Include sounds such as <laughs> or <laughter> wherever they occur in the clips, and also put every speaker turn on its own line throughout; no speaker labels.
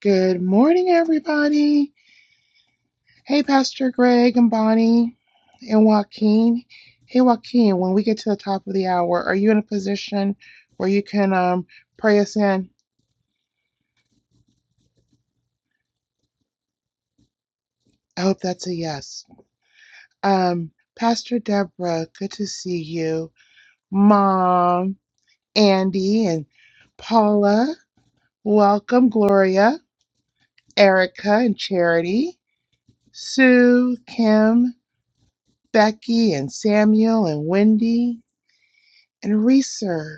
Good morning, everybody. Hey, Pastor Greg and Bonnie and Joaquin. Hey, Joaquin, when we get to the top of the hour, are you in a position where you can um, pray us in? I hope that's a yes. Um, Pastor Deborah, good to see you. Mom, Andy, and Paula, welcome. Gloria, Erica, and Charity, Sue, Kim, Becky, and Samuel, and Wendy, and Reeser.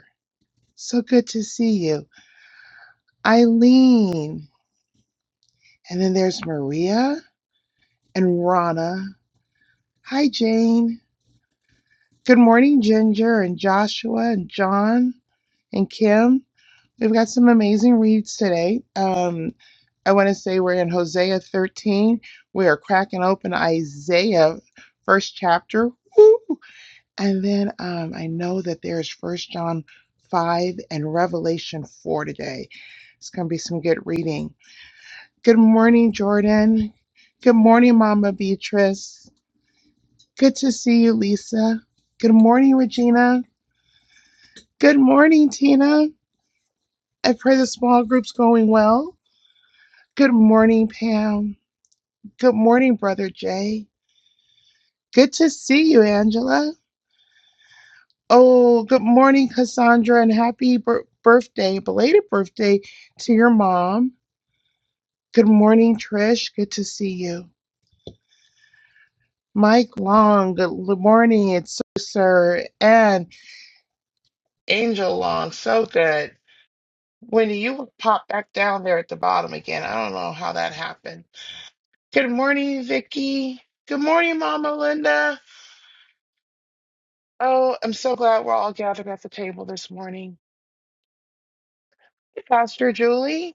So good to see you. Eileen. And then there's Maria and Rana. Hi, Jane. Good morning, Ginger and Joshua and John and Kim. We've got some amazing reads today. Um, I want to say we're in Hosea 13. We are cracking open Isaiah, first chapter. Woo! And then um, I know that there's First John 5 and Revelation 4 today. It's going to be some good reading. Good morning, Jordan. Good morning, Mama Beatrice. Good to see you, Lisa. Good morning, Regina. Good morning, Tina. I pray the small group's going well. Good morning, Pam. Good morning, Brother Jay. Good to see you, Angela. Oh, good morning, Cassandra, and happy bir- birthday, belated birthday to your mom. Good morning, Trish. Good to see you. Mike Long, good l- morning. It's so, sir. and. Angel Long so good. Wendy, you popped back down there at the bottom again. I don't know how that happened. Good morning, Vicky. Good morning, Mama Linda. Oh, I'm so glad we're all gathered at the table this morning. Hey, Pastor Julie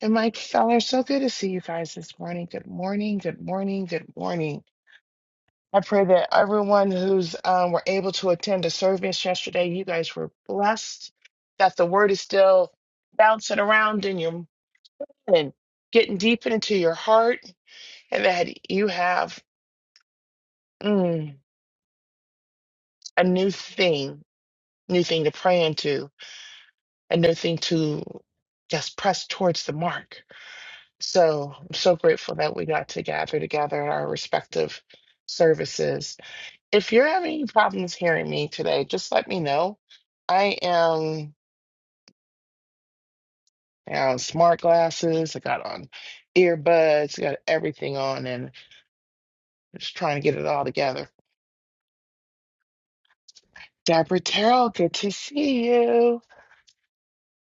and Mike Feller, so good to see you guys this morning. Good morning, good morning, good morning. I pray that everyone who's um, were able to attend the service yesterday, you guys were blessed. That the word is still bouncing around in your. and getting deep into your heart and that you have mm, a new thing, new thing to pray into, a new thing to just press towards the mark. So I'm so grateful that we got to gather together in our respective services. If you're having any problems hearing me today, just let me know. I am I have smart glasses, I got on earbuds, I got everything on and just trying to get it all together. Deborah Terrell, good to see you.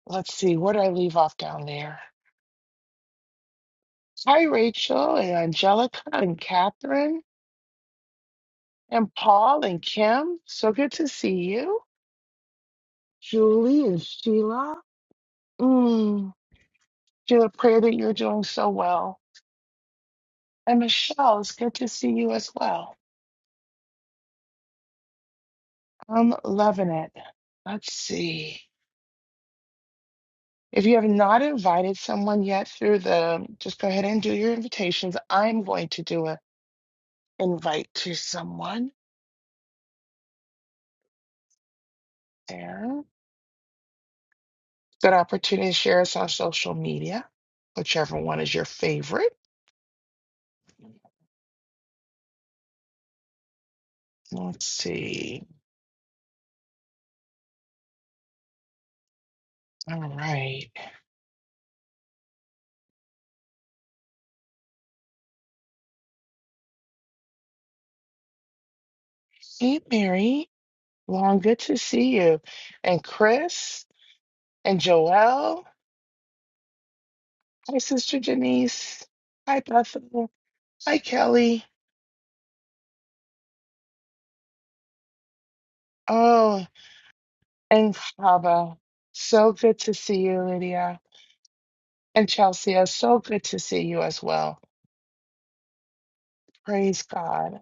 Let's see, where did I leave off down there? Hi, Rachel and Angelica and Catherine and Paul and Kim. So good to see you. Julie and Sheila. Mm, Sheila, pray that you're doing so well. And Michelle, it's good to see you as well. I'm loving it. Let's see. If you have not invited someone yet through the, just go ahead and do your invitations. I'm going to do a invite to someone. there. Good opportunity to share us on social media, whichever one is your favorite. Let's see. All right. Hey, Mary. Long, good to see you. And Chris and Joelle. Hi, Sister Janice. Hi, Bethel. Hi, Kelly. Oh, and Hava. So good to see you, Lydia. And Chelsea, it's so good to see you as well. Praise God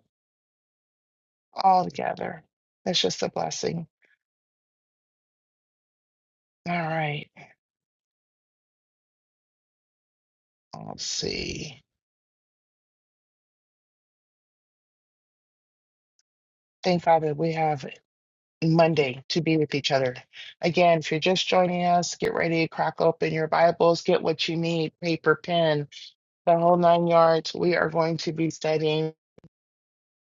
all together. That's just a blessing. All right. Let's see. Thank Father. we have Monday to be with each other. Again, if you're just joining us, get ready to crack open your Bibles, get what you need, paper, pen, the whole nine yards. We are going to be studying.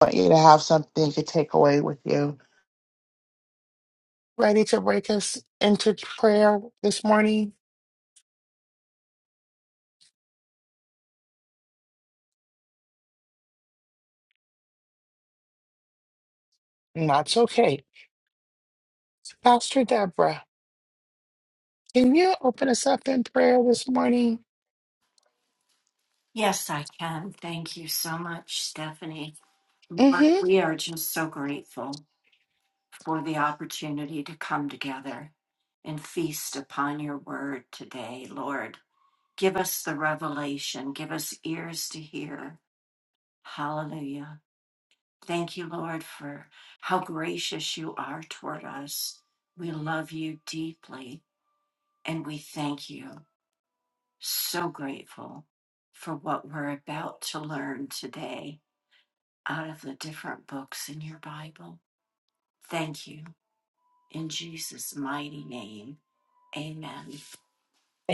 I want you to have something to take away with you. Ready to break us into prayer this morning? That's okay. Pastor Deborah, can you open us up in prayer this morning? Mm-hmm.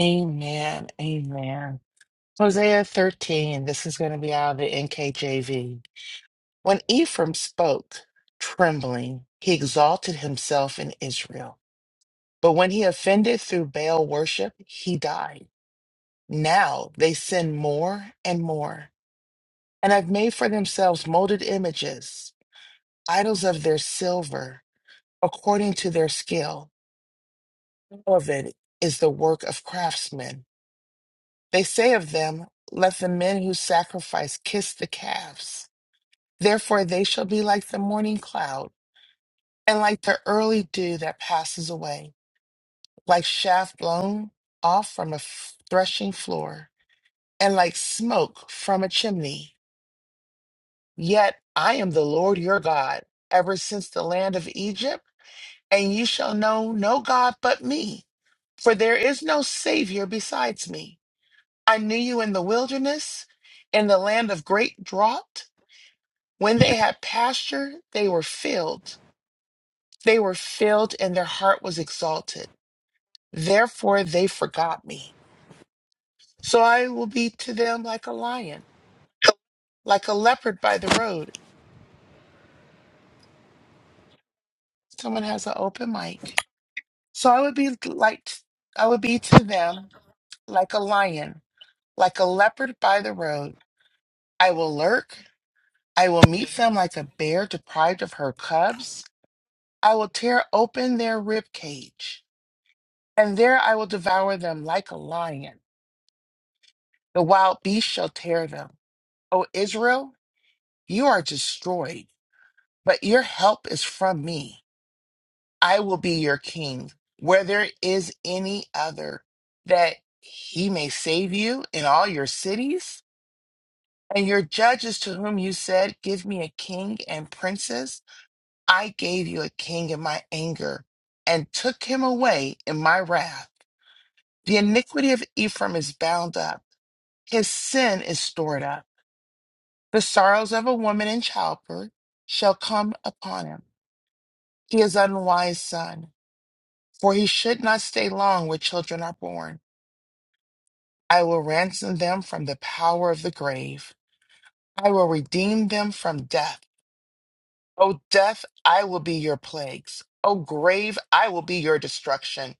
Amen. Amen. Hosea 13, this is going to be out of the NKJV. When Ephraim spoke, trembling, he exalted himself in Israel. But when he offended through Baal worship, he died. Now they sin more and more, and have made for themselves molded images, idols of their silver, according to their skill. All of it is the work of craftsmen. They say of them, Let the men who sacrifice kiss the calves. Therefore, they shall be like the morning cloud, and like the early dew that passes away, like shaft blown off from a f- threshing floor, and like smoke from a chimney. Yet I am the Lord your God, ever since the land of Egypt, and you shall know no God but me, for there is no Savior besides me. I knew you in the wilderness, in the land of great drought. When they had pasture, they were filled They were filled and their heart was exalted. Therefore, they forgot me. So I will be to them like a lion, like a leopard by the road. Someone has an open mic. So I would be like, I would be to them like a lion, like a leopard by the road. I will lurk. I will meet them like a bear deprived of her cubs. I will tear open their rib cage, and there I will devour them like a lion. The wild beast shall tear them. O Israel, You are destroyed, but your help is from me. I will be your king, where there is any other, that he may save you in all your cities. And your judges to whom you said, Give me a king and princes, I gave you a king in my anger, and took him away in my wrath. The iniquity of Ephraim is bound up, his sin is stored up. The sorrows of a woman in childbirth shall come upon him. He is unwise, son, for he should not stay long where children are born. I will ransom them from the power of the grave. I will redeem them from death. O death, I will be your plagues. O grave, I will be your destruction.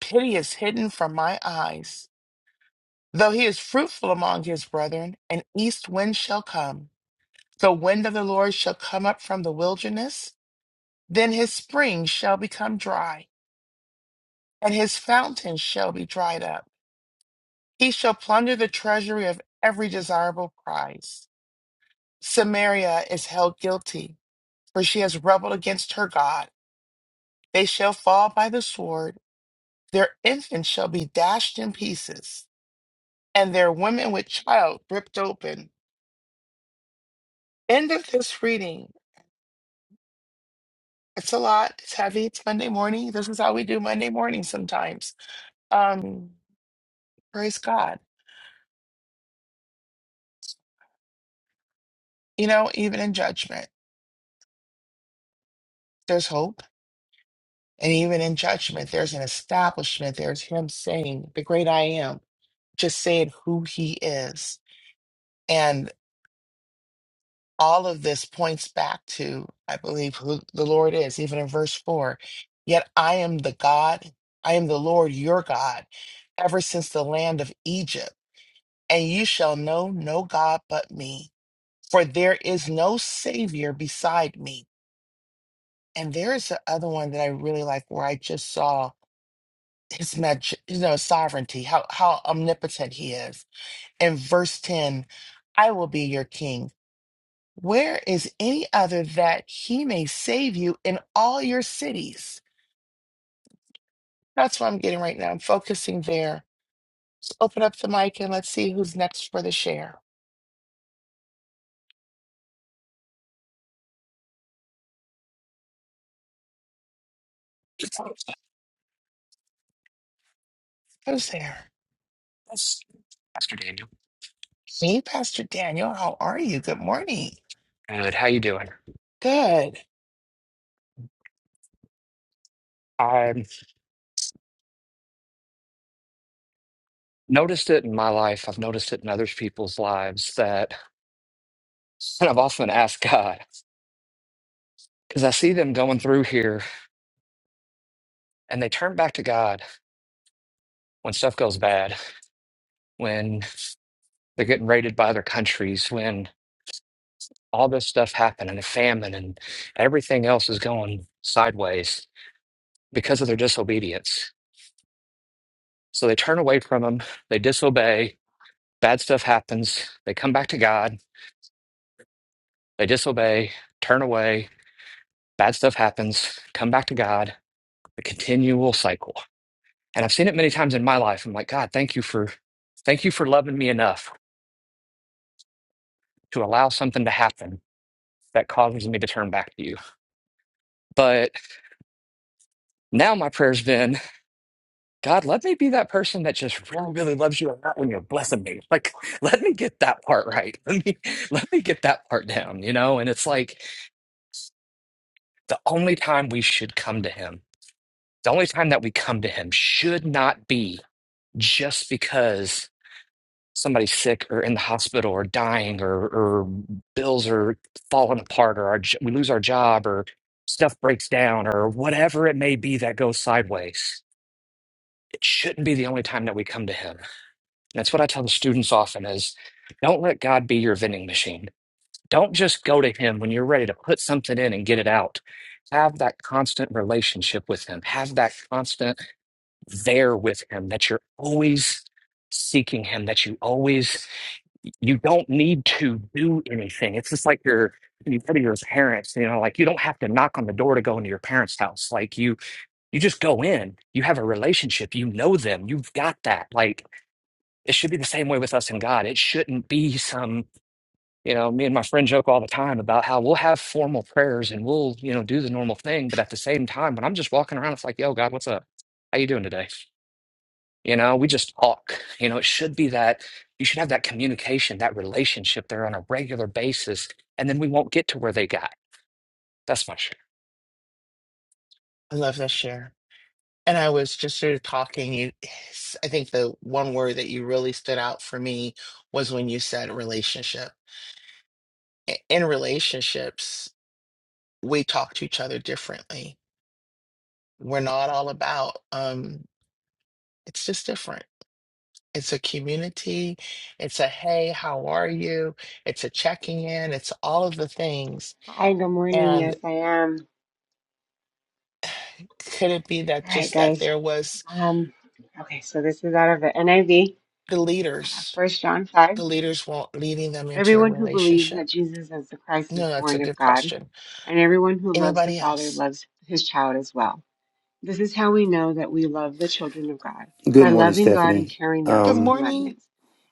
Pity is hidden from my eyes. Though he is fruitful among his brethren, an east wind shall come. The wind of the Lord shall come up from the wilderness. Then his spring shall become dry, and his fountain shall be dried up. He shall plunder the treasury of every desirable prize. Samaria is held guilty, for she has rebelled against her God. They shall fall by the sword, their infants shall be dashed in pieces, and their women with child ripped open. End of this reading. It's a lot. It's heavy. It's Monday morning. This is how we do Monday morning sometimes. Um, praise God. You know, even in judgment, there's hope And even in judgment, there's an establishment. There's him saying, The great I am, just saying who he is. And all of this points back to, I believe, who the Lord is, even in verse four. Yet I am the God, I am the Lord your God, ever since the land of Egypt. And you shall know no God but me, for there is no Savior beside me. And there is the other one that I really like where I just saw. his mag you know sovereignty how how omnipotent he is in verse 10 i will be your king where is any other that he may save you in all your cities that's what i'm getting right now i'm focusing there let's open up the mic and let's see who's next for the share
Oh,
who's there
yes. Pastor Daniel.
Me, pastor daniel how are you good morning
Good. How you doing?
good
I've noticed it in my life. I've noticed it in others people's lives that <laughs> and I've often asked God because I see them going through here and they turn back to God when stuff goes bad, when they're getting raided by other countries, when all this stuff happened and a famine and everything else is going sideways because of their disobedience. So they turn away from Him, they disobey, bad stuff happens, they come back to God, they disobey, turn away, bad stuff happens, come back to God, the continual cycle. And I've seen it many times in my life. I'm like, God, thank you for thank you for loving me enough to allow something to happen that causes me to turn back to you. But now my prayer's been, God, let me be that person that just really, really loves you and not when you're blessing me. Like, <laughs> let me get that part right. <laughs> Let me let me get that part down, you know? And it's like the only time we should come to him, the only time that we come to him should not be just because somebody's sick or in the hospital or dying or or bills are falling apart or our, j- we lose our job or stuff breaks down or whatever it may be that goes sideways it shouldn't be the only time that we come to him And that's what i tell the students often is don't let god be your vending machine don't just go to him when you're ready to put something in and get it out have that constant relationship with him have that constant there with him that you're always seeking him that you always you don't need to do anything. It's just like your you go to your parents, you know, like you don't have to knock on the door to go into your parents' house. Like you you just go in, you have a relationship, you know them, you've got that. Like it should be the same way with us and God. It shouldn't be some, you know, me and my friend joke all the time about how we'll have formal prayers and we'll, you know, do the normal thing. But at the same time, when I'm just walking around, it's like, yo, God, what's up? How you doing today? You know, we just talk. You know, it should be that you should have that communication, that relationship there on a regular basis, and then we won't get to where they got. That's my share.
i love this share And I was just sort of talking. You, <sighs> I think the one word that you really stood out for me was when you said relationship. I- In relationships, we talk to each other differently. We're not all about, um, it's just different. It's a community. It's a hey, how are you? It's a checking in. It's all of the things.
Hi, good morning.
And
Yes, I am.
could it be that
All right,
just that
guys.
there was
Um, okay, so this is out of the NIV,
the leaders,
First John 5.
the leaders weren't leading them into a
Everyone who believes that
relationship?
Jesus is the Christ is
No, that's a
born of
good
God,
question.
and everyone who loves the
Anybody
Father
else?
loves his child as well. This is how we know that we love the children of God
Good
by
morning,
loving God and
Stephanie.
carrying out
Good
his
Um,
morning.
commandments.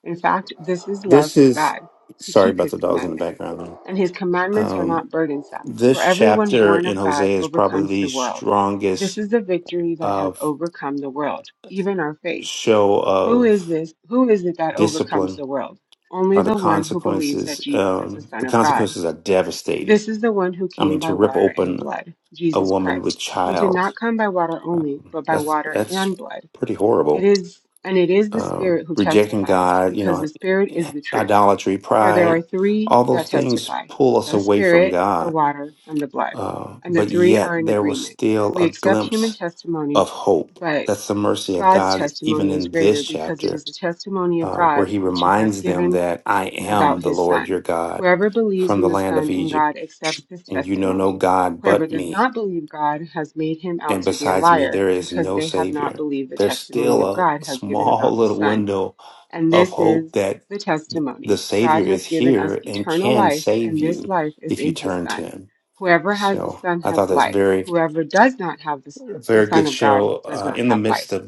In fact, this is love
this
for
is
God to
sorry
keep
about
his
the dogs in the
commandments.
background. man.
And his commandments are
Um,
not burdensome,
this
for everyone
chapter
born
in
of God
Hosea is probably
overcomes
the
the world. This
strongest
is the victory that has
of
overcome the world, even our faith.
show
Who is
of
this? Who is it that overcomes
discipline
the world? Only
or the
the one who believes that
consequences.
Jesus is the
Um,
Son
the
of God.
consequences are devastating.
This is the one who
I
came
mean, to
by
rip
water and
open
blood,
a
Jesus
woman with
Christ. He did
child,
not come by water only,
um,
but by
that's
water
that's
and blood.
pretty horrible
It is and it is the
um,
Spirit who
rejecting
testifies,
God, you
because the
know,
Spirit is the truth.
idolatry,
For there are
pride,
three
all
that
those things
testify
pull us
the
away from
Spirit, the
God.
water, and the blood.
Uh,
And the
but
three
yet
are in
there was
agreement.
still
We
a
accept human
glimpse
testimony,
of hope.
but
That's the mercy of
God's
God, even
testimony is
in
greater
this
because it
chapter,
is the testimony of
uh, where
God
he
which He has
reminds them
given
that I am
about
the
his
Lord your
son.
God
Whoever believes
from
in
the
the
land of
Son and
Egypt,
God accepts his
and you know no
testimony.
God
Whoever
but
does
me.
not believe God has made him out
And
to be a
besides me,
liar
there is
because
no
they have not
Savior.
believed the
There's
testimony of
still
God
a
has given
small <laughs>
about his
little
Son.
window
And
of
this
hope
is
that
the
th- the
testimony God
Savior is
has given us
here and
eternal
can
life,
save
and this
you
life is
if you
in his
turn to
Son.
Him.
Whoever has the
So
Son
I thought
has
that's
life.
very,
Whoever does not have the, the
very good
Son of God
show
does
uh,
not
in the
have life.
midst of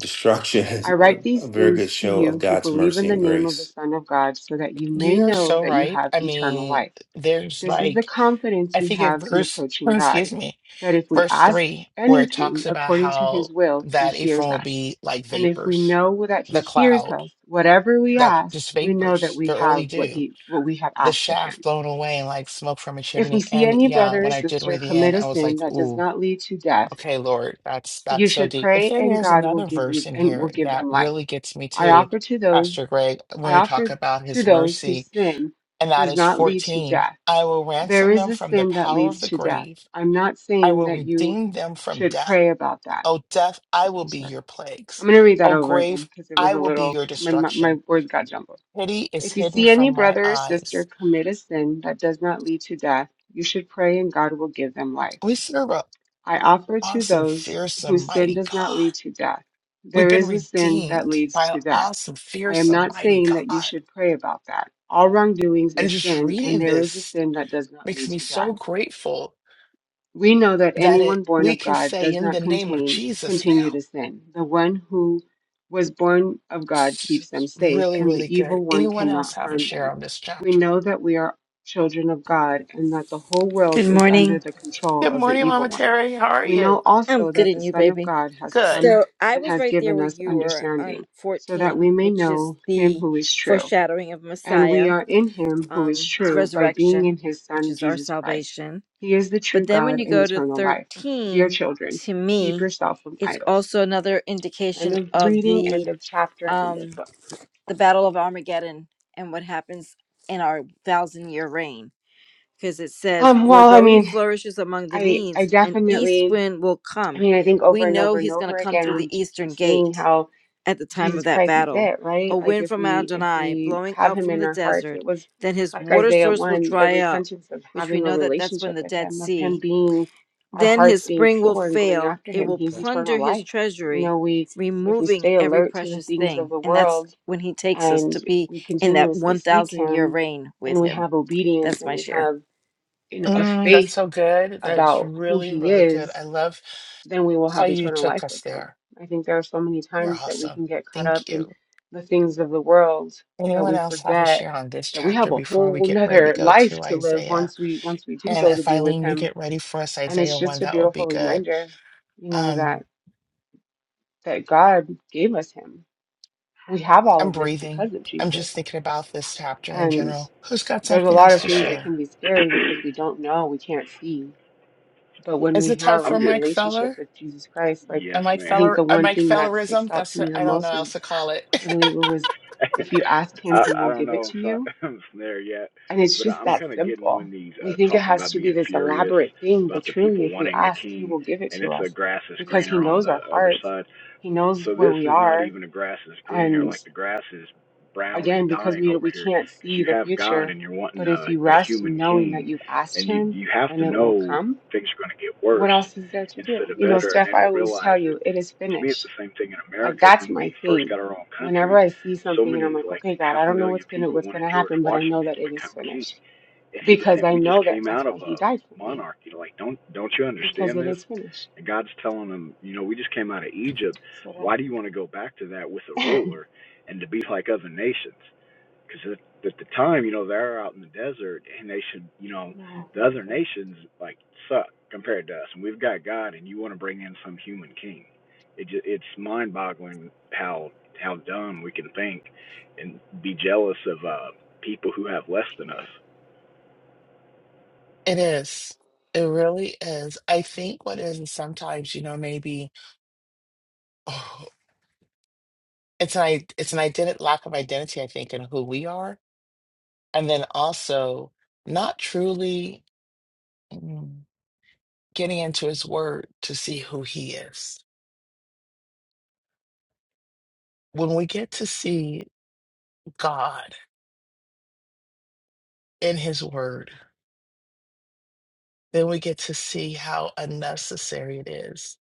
I write
destruction. <laughs> a
these
very
things
good
to
show of
you who
God's
believe in
mercy
the
and
name of the
grace.
Son of God, so that you may
You're
know
so
that you
right.
have
I
eternal
mean,
life.
there's
This is the
like,
confidence
I
we
think in
have in
verse, <laughs> <clears throat>
approaching
excuse
God,
me,
that if we
verse
ask
three, where it
anything
talks about
according to
how
his will, he
that Ephraim
hears
will
us.
be like
And if we
vapors,
know that he
the
hears
cloud,
us, whatever we
that
ask,
just
we know that
vapors,
we
the early
have what
dew,
he what we have
the
asked of
shaft
him.
blown away and like smoke from a
If we
chimney.
see
And
any
yeah,
brother
when
or
I did read
sister
the
commit
end,
a
I was like,
sin that does
ooh.
not lead to death,
Okay, Lord, that's
you
that's so
should
deep. But
pray
then
and
there's
God will
another
give you
verse in
and will
here
give
that
them life.
really gets me
I
too,
offer to those
Pastor Greg,
I
when we
offer
talk about
to
his
those whose
mercy,
sin
and that
does
is
not lead to
14.
death.
I will
There
ransom
is
them
a
from the
sin that
power of
leads
the
to death.
grave.
I'm not
I
saying
will
that you
redeem them from
should
death.
pray about that.
O death, I will
I'm
be your
sorry.
plagues.
I'm going to read that
O
over again
grave,
because it was
I
a
will be
little,
your
my, my, my
destruction.
words got jumbled.
Pity is
If you
hidden
see any
from my
brother or sister
eyes.
commit a sin that does not lead to death, you should pray and God will give them life.
We serve an
I offer to
awesome,
those
fearsome,
whose sin
mighty
does not
God.
lead to death.
We've
There
been
is a sin that
redeemed by
leads
an
to death.
awesome,
I am
fearsome,
not
mighty
saying that you
God.
should pray about that. All wrongdoings
And
is
just
sin, and
reading
there is a
this
sin that does not
makes
lead
me
to death.
so grateful
We know that
that it
anyone born
we
of
can
God
say
does
in the
not
name of
contain,
Jesus
continue
now.
to sin. The one who was born of God
It's
keeps
it's
them safe,
really,
and the
really good.
evil one
Anyone else
cannot
have a
harm
share
them.
on this
We
chapter?
know that we are children of God and that the whole world
Good
is under
morning.
the control
Good
of the
morning, Mama
evil one.
Terry. How are
We
you?
know
I'm
also
good
that
in
the
you,
Son of
baby.
God has
Good.
come
So I
and
was
has
right there
given
where
us
you were on
understanding, so that
14,
we may
which is
know him
the
who is true.
foreshadowing of
And we
Messiah,
are in him who is
um, his
true by being
resurrection,
in his
which
Son,
is our
Jesus Christ.
salvation.
He is the
But
true
then when
God
you
and
go to
eternal life. Dear
13,
children,
to
keep
me,
yourself from
it's
idols.
also another
End
indication
of
of
reading,
the
end of chapter, end of
um,
book.
the Battle of Armageddon and what happens in our thousand year reign. because it says,
Um,
For
well, I
though he
mean,
flourishes among the
I, I
needs, an east
definitely,
wind will
I
come.
mean, I think over
We
and
know
over and
he's going to
over
come
again,
through
we
the
just keep
eastern
seeing
gate
how
at the time of
Jesus
that
Christ is
battle.
it,
A
right? Like
wind
if
from
we if
Adonai
we
blowing
have
up
him
from
in
the
our hearts,
desert,
it was
then his
like
water
Isaiah
source will
1, the
dry up,
repentance of
which we
having a
know that that's when
relationship
the
with
Dead
him, of him
Sea.
being our
Then
hearts
his
being
spring will
pure and going
fail,
after
it
him.
will
He's eternal
plunder his
life. You
treasury,
know, we if we
removing
stay
every
alert to the
precious
things of
thing.
the
And that's
world
when he takes us
and
to be
we
in that
continuously seek
1,000 year
him
reign with
and we
him.
have obedience
That's
and
my
we
share.
have, you know, a
Mm, that's
faith
so good. That's
about who
really,
he
really good.
is
I love
then we will
how
have
you
eternal
took
life
us
with him.
there.
I think there are so many
You're
times that we
awesome.
can get caught
Thank
up in
you.
the things of the world that
Anyone
we
else have a
forget
share on this
that we have
chapter
a
before we
whole
get ready to
nother
go
life
to
to live
Isaiah?
once we once we do
And
go to
if
be with
Eileen, you
him.
get ready for us,
And it's
Isaiah 1,
just a
that would
beautiful
be good.
reminder, you know,
Um.
that that God gave us him. We have all
I'm
of this
breathing.
because of
I'm
Jesus.
just thinking about this chapter in
And
general. Who's got
there's a
something
lot
else
of
to
things that can
share?
be scary because we don't know, we can't see. But
Well,
when
Is
we
it time
have a
I'm
for
getting
Mike
relationship
Feller?
with Jesus Christ, like
A
yes,
Mike
I
man.
think
Feller,
the
a
one
Mike
thing that sticks
Fellerism?
out to
That's what,
me the
I don't know
most
how else to
is
call it. <laughs>
I believe it was if
<laughs>
you ask him,
I,
he
I
will
don't
give it
know
to
if
you.
I, <laughs> I'm there yet,
And it's
but
just
I'm
that
kind of getting when
simple.
these
We
uh,
think it
talking
has
about
to be
being
this
furious
elaborate thing, but
about the
truly,
people
if we
wanting a
ask, he
king,
will give it
and
to
it's the
us
grass is
because he
greener on
knows
the
our
other
hearts.
side.
He knows
So
where
this
we
is not
are.
even a grass is greener.
And
Like the grass is brown and
again, because
dying
we
over
we
here
can't
because
see
you
the
have God
future,
and you're wanting
but if
a,
you
a
rest in
human
knowing that
king,
you've asked
and you
him
you have
and
to
it will
know
come,
things are going to get
What
worse
else is there to do?
instead of
You know,
better, and they
Steph, I
don't
always
realize
tell
that.
you, it is
And to me, it's
finished.
the same thing in
Like
America.
that's
When we
my
first
thing.
got our own
Whenever
country,
I see
so
something and I'm
many
like,
like
okay, God,
half
I
a
don't know
million
what's gonna
people
what's
wanted
gonna
George
happen, but I
Washington
know that
to
it is
become king
finished
and he was
because
saying,
I
"We just
know that
came out
that's
of
why
a
He died for me
monarchy. Like, don't don't you
because
understand
it
this?"
is finished.
And God's telling him, "You know, we just came out of Egypt.
So
Why do you want to go back to that with a
that's <laughs> yeah,
ruler and to be like other nations? Because at, at the time, you know, they're out in the desert, and they should, you know,
you're
the other
welcome.
nations like suck compared to us, and we've got God, and you want to bring in some human king. It just, it's mind-boggling how how dumb we can think and be jealous of uh, people who have less than
Right.
us."
It is. It really is. I think what is is sometimes, you know, maybe oh, it's an i- it's an identity lack of identity, I think, in who we are, and then also not truly mm, getting into his word to see who he is. when we get to see God in His Word, then we get to see how unnecessary it is.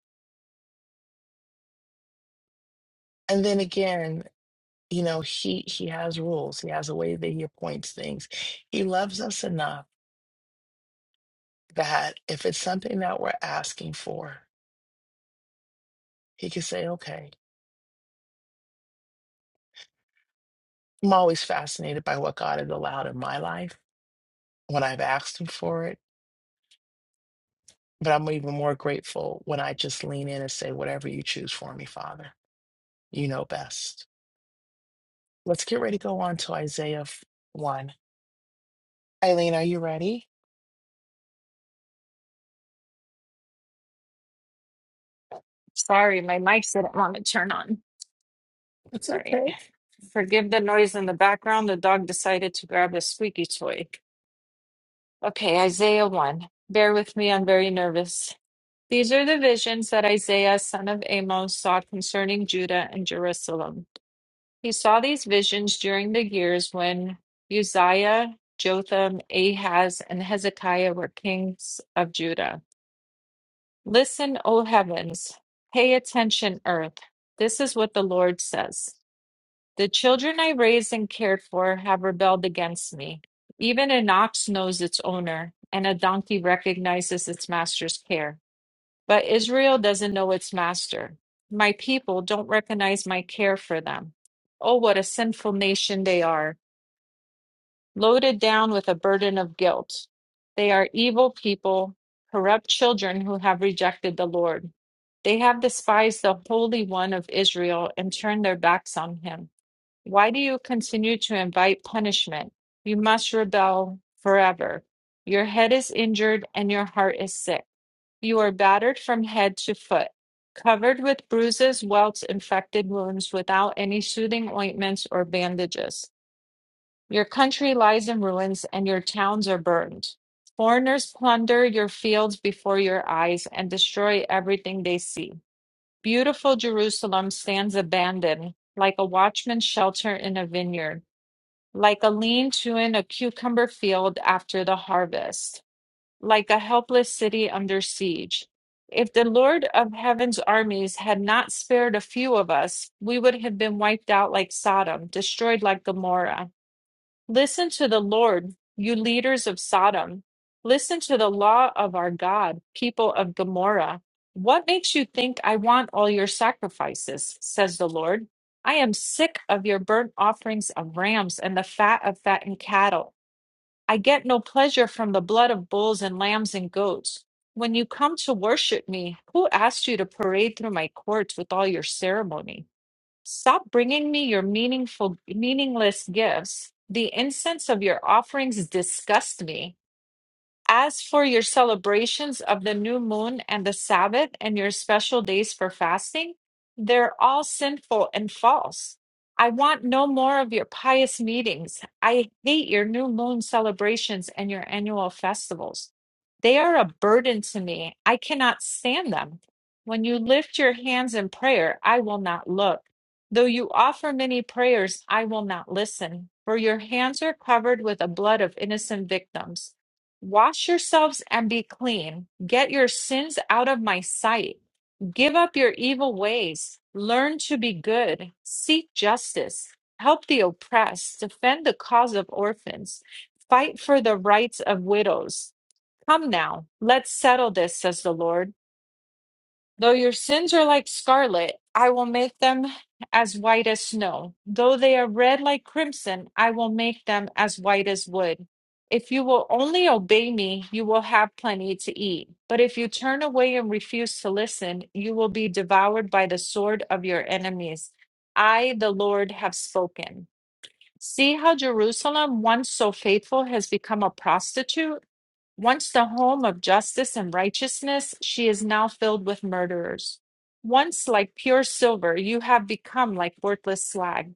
And then again, you know, He He has rules. He has a way that He appoints things. He loves us enough that if it's something that we're asking for, He can say, "Okay." I'm always fascinated by what God has allowed in my life when I've asked Him for it. But I'm even more grateful when I just lean in and say, "Whatever you choose for me, Father, you know best." Let's get ready to go on to Isaiah f- 1. Eileen, are you ready?
Sorry, my mic didn't want to turn on.
It's
All right.
okay.
Forgive the noise in the background. The dog decided to grab a squeaky toy. Okay, Isaiah 1. Bear with me, I'm very nervous. These are the visions that Isaiah, son of Amos, saw concerning Judah and Jerusalem. He saw these visions during the years when Uzziah, Jotham, Ahaz, and Hezekiah were kings of Judah. Listen, O heavens, pay attention, earth. This is what the Lord says. The children I raised and cared for have rebelled against me. Even an ox knows its owner, and a donkey recognizes its master's care. But Israel doesn't know its master. My people don't recognize my care for them. Oh, what a sinful nation they are, loaded down with a burden of guilt. They are evil people, corrupt children who have rejected the Lord. They have despised the Holy One of Israel and turned their backs on him. Why do you continue to invite punishment? You must rebel forever. Your head is injured and your heart is sick. You are battered from head to foot, covered with bruises, welts, infected wounds without any soothing ointments or bandages. Your country lies in ruins and your towns are burned. Foreigners plunder your fields before your eyes and destroy everything they see. Beautiful Jerusalem stands abandoned, like a watchman's shelter in a vineyard like a lean-to in a cucumber field after the harvest, like a helpless city under siege. If the Lord of Heaven's armies had not spared a few of us, we would have been wiped out like Sodom, destroyed like Gomorrah. Listen to the Lord, you leaders of Sodom. Listen to the law of our God, people of Gomorrah. What makes you think I want all your sacrifices, says the Lord? I am sick of your burnt offerings of rams and the fat of fattened cattle. I get no pleasure from the blood of bulls and lambs and goats. When you come to worship me, who asked you to parade through my courts with all your ceremony? Stop bringing me your meaningful, meaningless gifts. The incense of your offerings disgust me. As for your celebrations of the new moon and the Sabbath and your special days for fasting, they're all sinful and false. I want no more of your pious meetings. I hate your new moon celebrations and your annual festivals. They are a burden to me. I cannot stand them. When you lift your hands in prayer, I will not look. Though you offer many prayers, I will not listen, for your hands are covered with the blood of innocent victims. Wash yourselves and be clean. Get your sins out of my sight. Give up your evil ways. Learn to be good. Seek justice. Help the oppressed. Defend the cause of orphans. Fight for the rights of widows. Come now, let's settle this, says the Lord. Though your sins are like scarlet, I will make them as white as snow. Though they are red like crimson, I will make them as white as wood. If you will only obey me, you will have plenty to eat. But if you turn away and refuse to listen, you will be devoured by the sword of your enemies. I, the Lord, have spoken. See how Jerusalem, once so faithful, has become a prostitute? Once the home of justice and righteousness, she is now filled with murderers. Once like pure silver, you have become like worthless slag.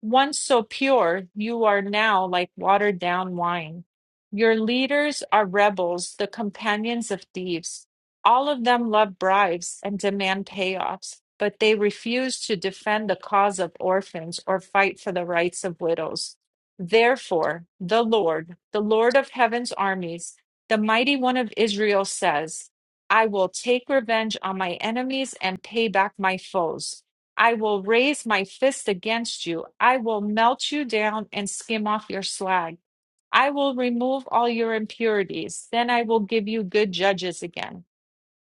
Once so pure, you are now like watered down wine. Your leaders are rebels, the companions of thieves. All of them love bribes and demand payoffs, but they refuse to defend the cause of orphans or fight for the rights of widows. Therefore, the Lord, the Lord of heaven's armies, the mighty one of Israel says, I will take revenge on my enemies and pay back my foes. I will raise my fist against you. I will melt you down and skim off your slag. I will remove all your impurities. Then I will give you good judges again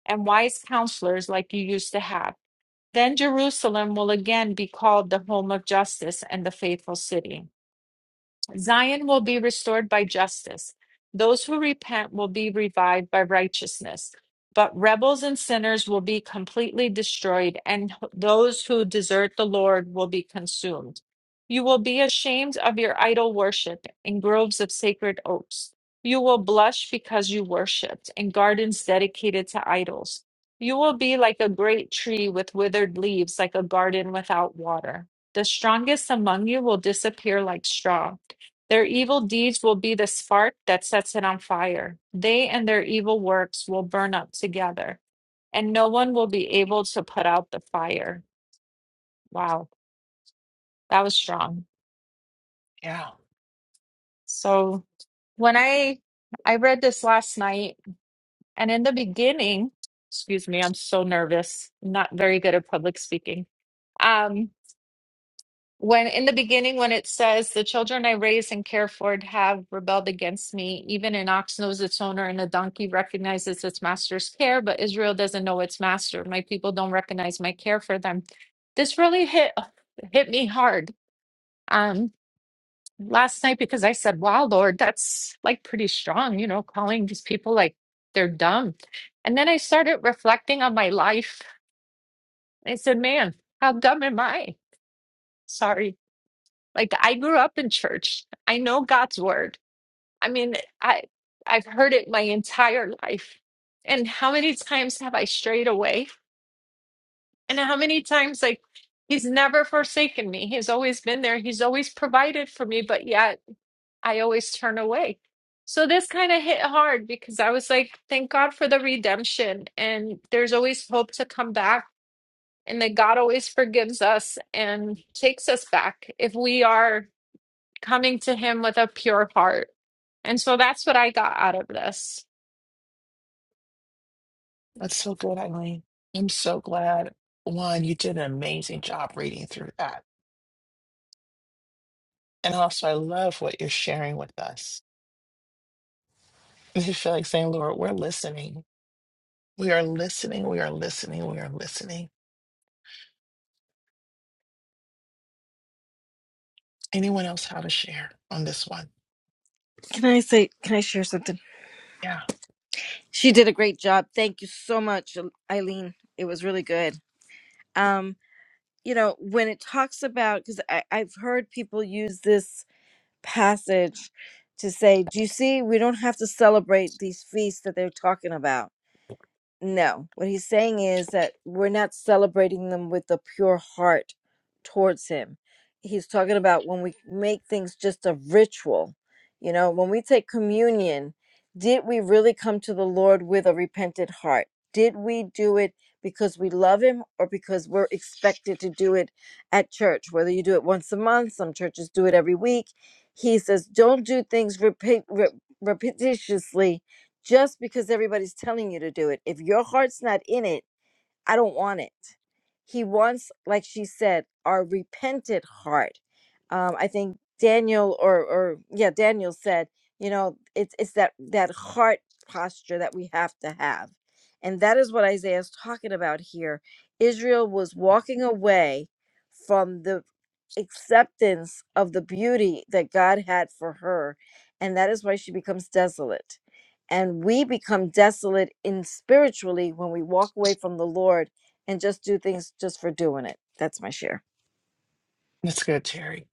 and wise counselors like you used to have. Then Jerusalem will again be called the home of justice and the faithful city. Zion will be restored by justice. Those who repent will be revived by righteousness. But rebels and sinners will be completely destroyed, and h- those who desert the Lord will be consumed. You will be ashamed of your idol worship in groves of sacred oaks. You will blush because you worshiped in gardens dedicated to idols. You will be like a great tree with withered leaves, like a garden without water. The strongest among you will disappear like straw. Their evil deeds will be the spark that sets it on fire. They and their evil works will burn up together, and no one will be able to put out the fire. Wow, that was strong.
Yeah,
So when I I read this last night, and in the beginning, excuse me, I'm so nervous. I'm not very good at public speaking. Um, When in the beginning, when it says, The children I raised and care for have rebelled against me, even an ox knows its owner and a donkey recognizes its master's care, but Israel doesn't know its master. My people don't recognize my care for them. This really hit hit me hard um last night because I said, Wow, Lord, that's like pretty strong, you know, calling these people like they're dumb. And then I started reflecting on my life. I said, Man, how dumb am I? Sorry Like I grew up in church. I know God's word. I mean, I I've heard it my entire life. And how many times have I strayed away? And how many times like he's never forsaken me. He's always been there. He's always provided for me, but yet I always turn away. So this kind of hit hard because I was like, thank God for the redemption and there's always hope to come back and that God always forgives us and takes us back if we are coming to him with a pure heart. And so that's what I got out of this.
that's so good, Eileen. I'm so glad. One, you did an amazing job reading through that. And also, I love what you're sharing with us. I just feel like saying, Lord, we're listening. We are listening. We are listening. We are listening. Anyone else have a share on this one?
Can I say, can I share something?
Yeah,
She did a great job. Thank you so much, Eileen. It was really good. Um, you know, when it talks about, because I've heard people use this passage to say, do you see, we don't have to celebrate these feasts that they're talking about. No, what he's saying is that we're not celebrating them with a pure heart towards him. He's talking about when we make things just a ritual, you know, when we take communion, did we really come to the Lord with a repentant heart? Did we do it because we love him or because we're expected to do it at church? Whether you do it once a month, some churches do it every week. He says, don't do things repeat, re- repetitiously just because everybody's telling you to do it. If your heart's not in it, I don't want it. He wants, like she said, our repentant heart. Um, I think Daniel or or yeah, Daniel said, you know, it's it's that that heart posture that we have to have. And that is what Isaiah is talking about here. Israel was walking away from the acceptance of the beauty that God had for her. And that is why she becomes desolate and we become desolate in spiritually when we walk away from the lord and just do things just for doing it that's my share
that's good, Terry.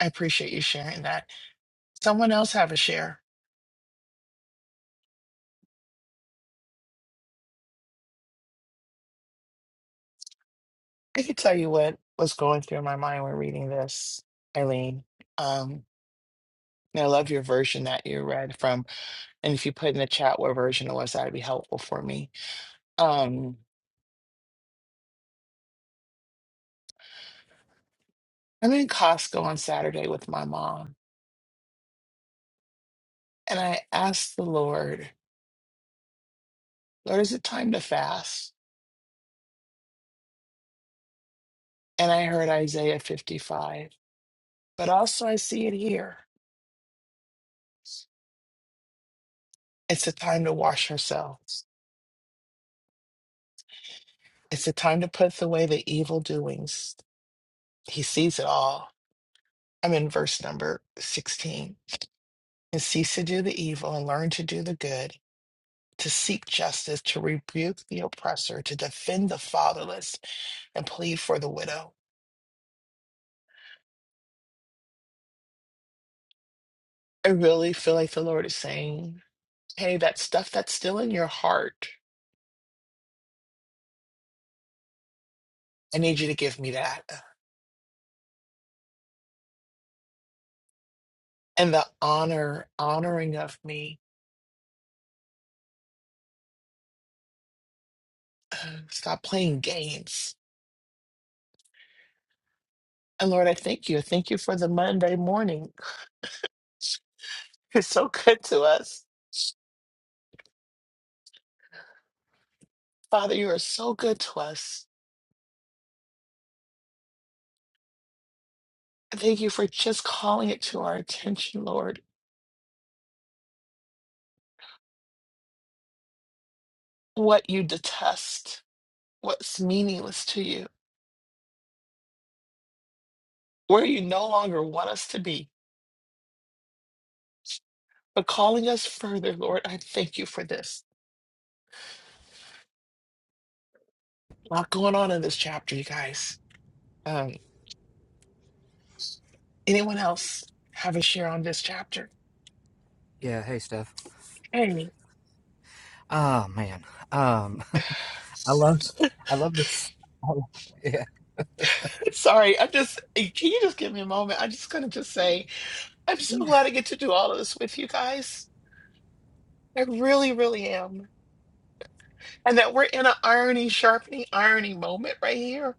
I appreciate you sharing that. Someone else have a share. I can tell you what was going through my mind when reading this, Eileen. Um, and I love your version that you read from. And if you put in the chat what version it was, that'd be helpful for me. Um, I'm in Costco on Saturday with my mom, and I asked the Lord, Lord, is it time to fast? And I heard Isaiah 55, but also I see it here. It's a time to wash ourselves. It's a time to put away the evil doings. He sees it all. I'm in verse number 16 and cease to do the evil and learn to do the good, to seek justice, to rebuke the oppressor, to defend the fatherless, and plead for the widow. I really feel like the Lord is saying, Hey, that stuff that's still in your heart, I need you to give me that. And the honor, honoring of me. Stop playing games. And Lord, I thank you. I Thank you for the Monday morning. <laughs> You're so good to us. Father, you are so good to us. I Thank you for just calling it to our attention, Lord what you detest, what's meaningless to you, where you no longer want us to be, but calling us further, Lord. I thank you for this. A lot going on in this chapter, you guys. Um, anyone else have a share on this chapter?
Yeah, hey Steph.
Hey,
Oh man. Um I love
<laughs>
I love this. Oh, yeah.
sorry, I just eh, can you just give me a moment? I'm just gonna just say I'm so
Yeah.
glad I get to do all of this with you guys. I really, really am. And that we're in an irony sharpening irony moment right here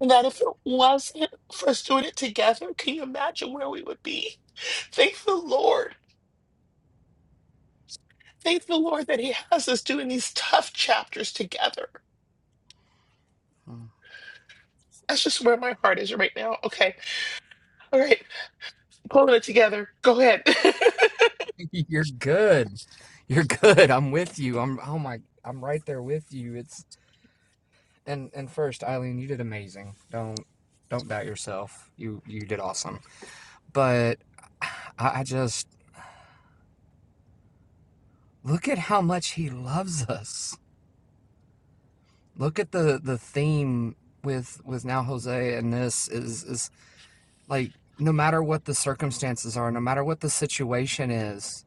And that if it wasn't for us doing it together, can you imagine where we would be? Thank the Lord. Thank the Lord that He has us doing these tough chapters together.
Mm.
That's just where my heart is right now. Okay. All right. Pulling it together. Go ahead. <laughs>
<laughs> You're good. You're good. I'm with you. I'm oh my I'm right there with you. It's and and first, Eileen, you did amazing. Don't don't doubt yourself. You you did awesome. But I, I just look at how much he loves us. Look at the the theme with with now Jose and this is is like no matter what the circumstances are, no matter what the situation is,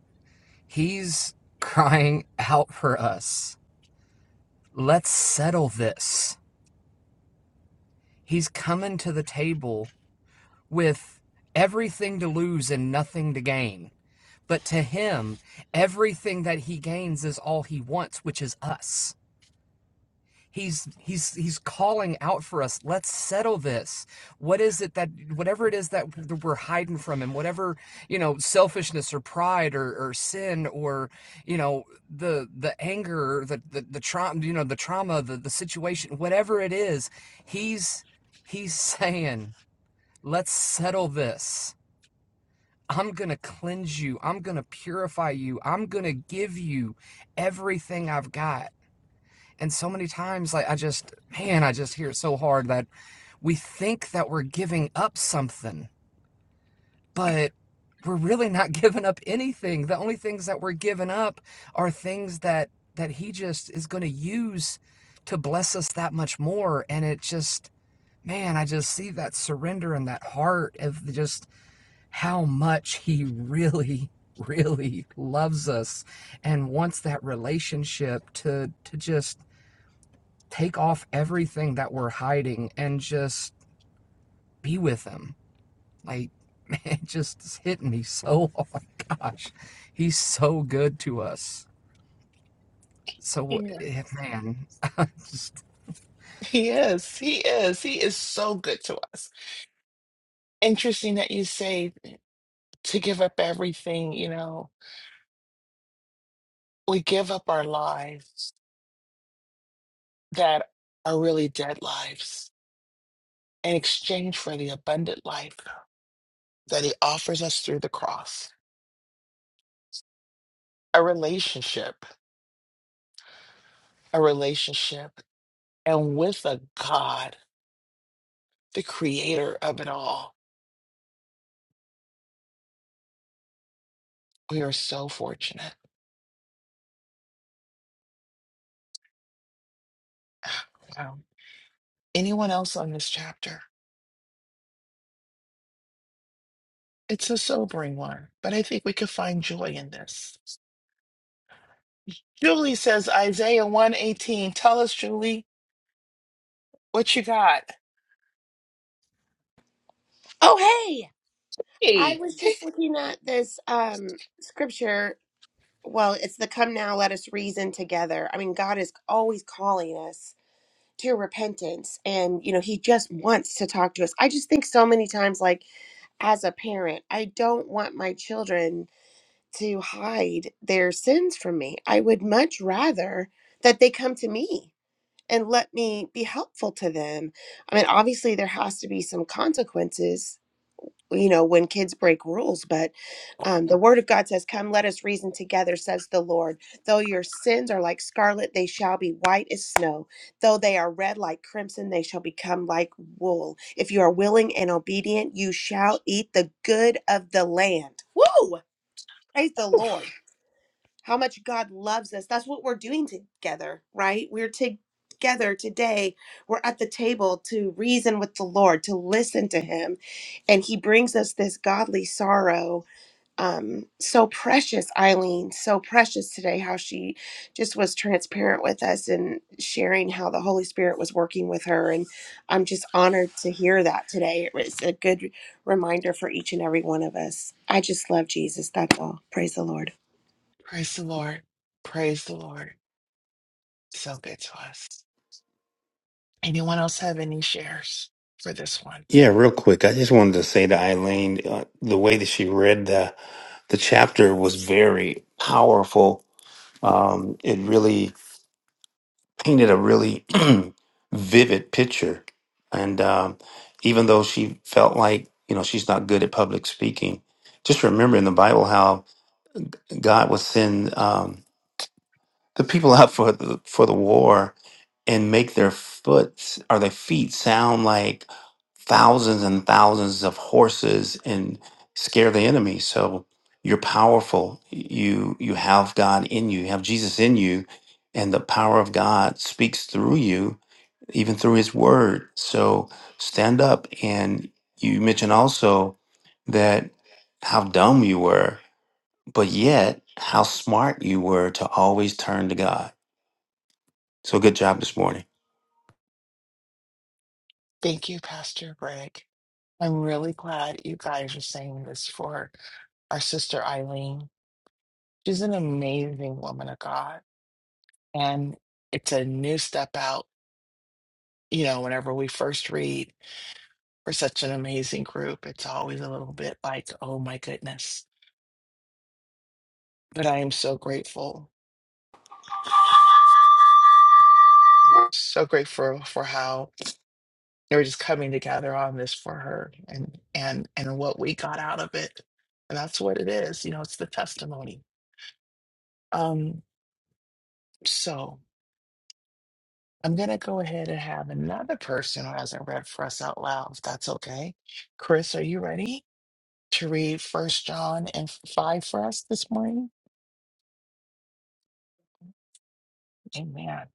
he's crying <laughs> out for us. Let's settle this. He's coming to the table with everything to lose and nothing to gain. But to him, everything that he gains is all he wants, which is us. He's he's he's calling out for us. Let's settle this. What is it that whatever it is that we're hiding from him, whatever, you know, selfishness or pride or, or sin or, you know, the the anger, the the, the trauma, you know, the trauma, the, the situation, whatever it is, he's he's <laughs> saying, let's settle this. I'm going to cleanse you. I'm going to purify you. I'm going to give you everything I've got and so many times, like, I just, man, I just hear it so hard that we think that we're giving up something, but we're really not <laughs> giving up anything. The only things that we're giving up are things that that he just is going to use to bless us that much more. And it just, man, I just see that surrender and that heart of just how much he <laughs> really, really loves us and wants that relationship to to just take off everything that we're hiding and just be with him. Like, <laughs> man, it just is hitting me so <laughs> oh my gosh. He's so good to us. So
yeah.
eh, man, <laughs> I just
He is. He is. He is so good to us. Interesting that you say to give up everything. You know, we give up our lives that are really dead lives in exchange for the abundant life. that he offers us through the cross a relationship, a relationship, and with a God, the creator of it all. We are so fortunate. <sighs> Wow. Anyone else on this chapter? It's a sobering one, but I think we could find joy in this. Julie says, Isaiah 118. Tell us, Julie, what you got.
Oh, hey! I
Hey.
was just looking at this um scripture. Well, it's the come now, let us reason together. I mean, God is always calling us to repentance and you know, he just wants to talk to us. I just think so many times like as a parent, I don't want my children to hide their sins from me. I would much rather that they come to me and let me be helpful to them. I mean, obviously there has to be some consequences you know when kids break rules but um, the word of god says come let us reason together says the lord though your sins are like scarlet they shall be white as snow though they are red like crimson they shall become like wool if you are willing and obedient you shall eat the good of the land woo praise the lord how much God loves us. That's what we're doing together, right? We're together today. We're at the table to reason with the Lord, to listen to Him. And He brings us this godly sorrow. Um, so precious, Eileen, so precious today, how she just was transparent with us and sharing how the Holy Spirit was working with her. And I'm just honored to hear that today. It was a good reminder for each and every one of us. I just love Jesus. That's all. Praise the Lord.
Praise the Lord. Praise the Lord. So good to us. Anyone else have any shares? for this one.
Yeah, real quick, I just wanted to say to Eileen, uh, the way that she read the the chapter was very powerful. Um, it really painted a really <clears throat> vivid picture. And um, even though she felt like, you know, she's not good at public speaking, just remember in the Bible how God would send um, the people <laughs> out for the, for the war and make their foot or their feet sound like thousands and thousands of horses and scare the enemy. So you're powerful. You you have God in you. You have Jesus in you, and the power of God speaks through you even through his word. So stand up. And you mentioned also that how dumb you were, but yet how smart you were to always turn to God. So good job this morning.
Thank you, Pastor Greg. I'm really glad you guys are saying this for our sister Eileen. She's an amazing woman of God. And it's a new step out. You know, whenever we first read for such an amazing group, it's always a little bit like, oh my goodness. But I am so grateful so grateful for how they were just coming together on this for her and and and what we got out of it and that's what it is you know it's the testimony um so i'm gonna go ahead and have another person who hasn't read for us out loud if that's okay chris are you ready to read first john and five for us this morning amen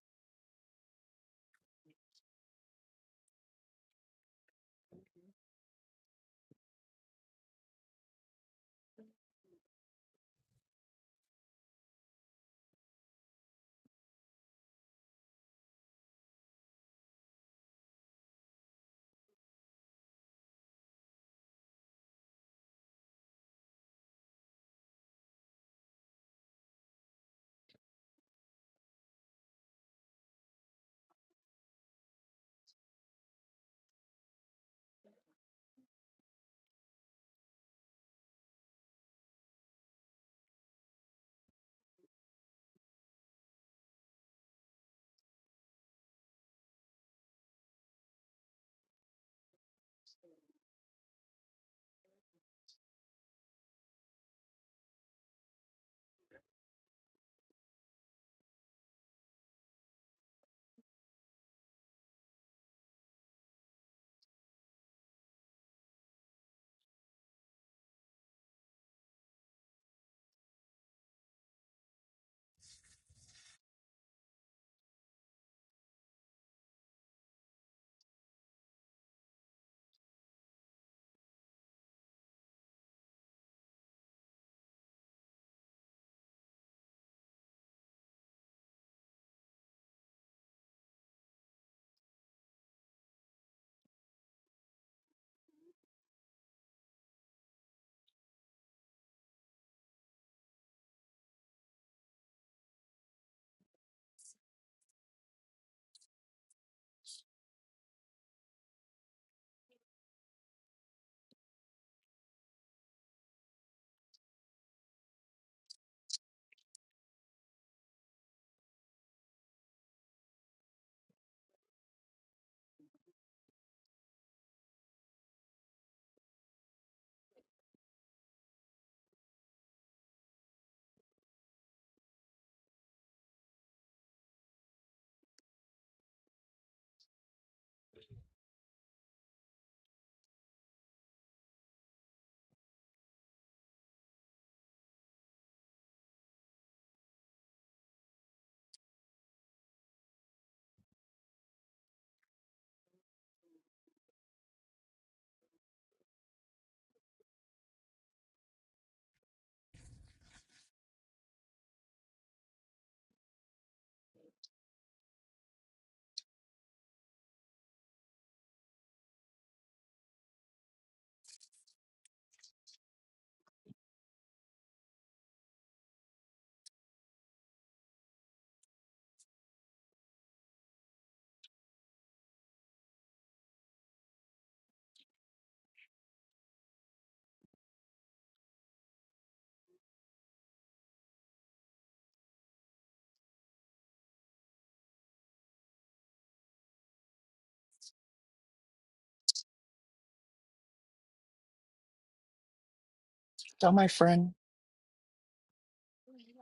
Tell my friend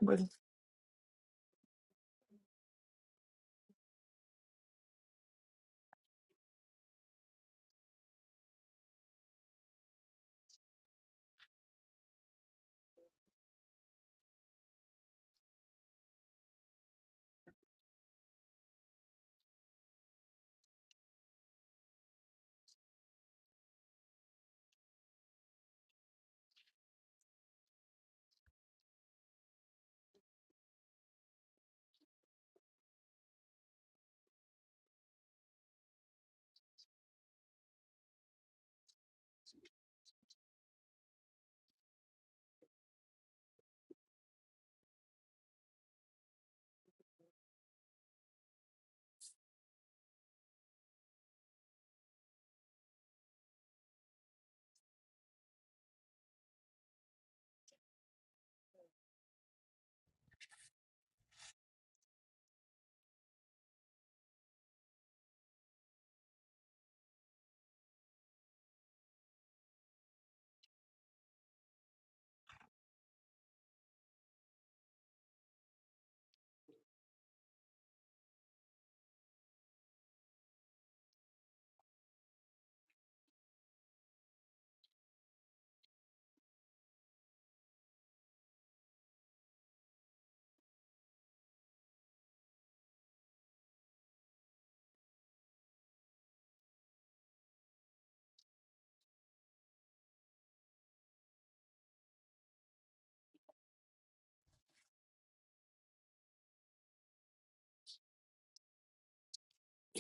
with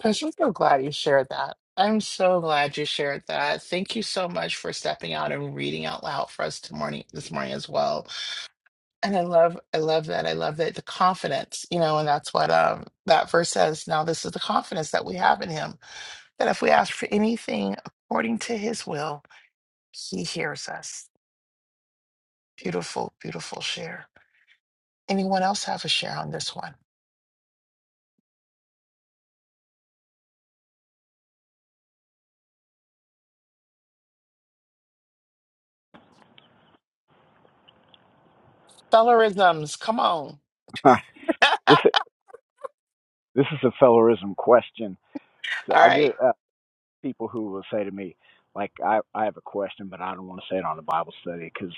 Gosh, I'm so glad you shared that. I'm so glad you shared that. Thank you so much for stepping out and reading out loud for us to morning this morning as well. And I love, I love that. I love that the confidence, you know, and that's what um that verse says. Now this is the confidence that we have in Him. that if we ask for anything according to his will, he hears us. Beautiful, beautiful share. Anyone else have a share on this one? Stellarisms, come on.
<laughs>
<laughs> All
This this is a fellerism question. So I
right.
get uh, people who will say to me, like, I I have a question, but I don't want to say it on a Bible study because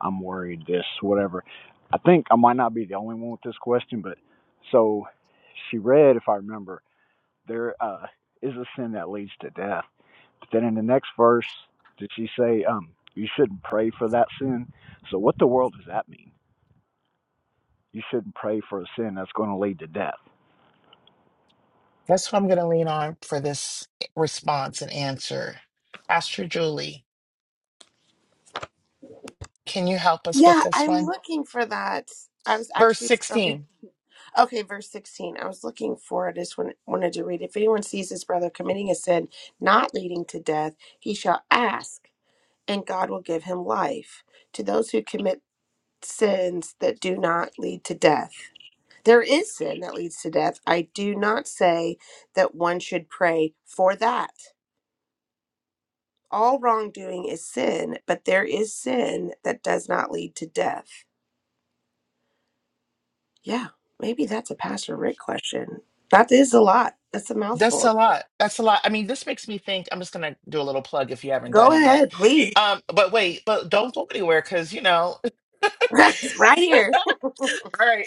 I'm worried this whatever. I think I might not be the only one with this question, but so she read, if I remember, there uh, is a sin that leads to death. But then in the next verse, did she say, um, you shouldn't pray for that sin? So what the world does that mean? You shouldn't pray for a sin that's going to lead to death.
That's what I'm going to lean on for this response and answer. Pastor Julie, can you help us with
Yeah,
this
I'm
one?
looking for that. I was
Verse
actually scrolling.
If
16.
Okay, verse 16. I was looking for it. I just wan- wanted to read. If anyone sees his brother committing a sin not leading to death, he shall ask, and God will give him life. To those who commit sins that do not lead to death. There is sin that leads to death. I do not say that one should pray for that. All wrongdoing is sin, but there is sin that does not lead to death. Yeah, maybe that's a Pastor Rick question. That is a lot. That's a
That's
mouthful.
a lot. That's a lot. I mean, this makes me think. I'm just going to do a little plug if you haven't done
Go
it yet.
ahead, please.
Um, but wait, but don't go anywhere because, you know, <laughs>
<laughs> right here.
all right.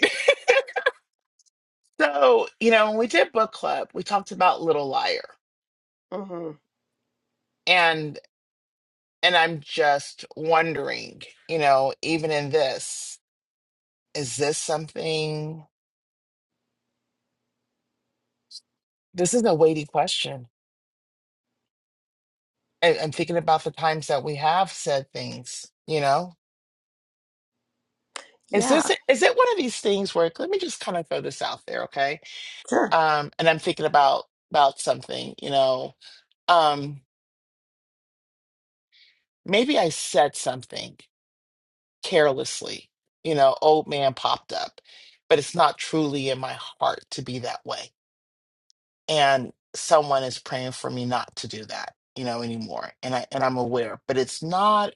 So, you know, when we did book club, we talked about Little Liar.
hmm
And and I'm just wondering, you know, even in this, is this something this is a weighty question. And I'm thinking about the times that we have said things, you know. Is this
Yeah,
is it one of these things where let me just kind of throw this out there, okay?
sure.
Um, and I'm thinking about about something, you know. Um, maybe I said something. carelessly. You know, old man popped up, but it's not truly in my heart to be that way. And someone is praying for me not to do that, you know, anymore. And I and I'm aware, but it's not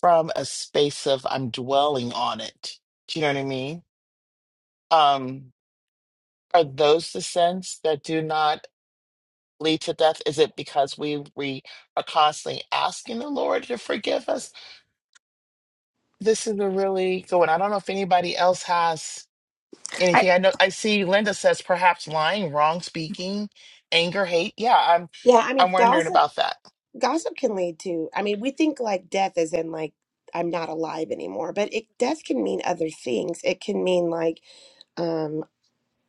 from a space of I'm dwelling on it. Do you know what I mean? Um, are those the sins that do not lead to death? Is it because we we are constantly asking the Lord to forgive us? This is a really good one. I don't know if anybody else has
I,
anything. I know I see Linda says perhaps lying, wrong speaking, anger, hate. Yeah, I'm
yeah, I mean,
I'm wondering
gossip.
about that.
Gossip can lead to, I mean, we think like death is in like, I'm not alive anymore, but it death can mean other things. It can mean like, um,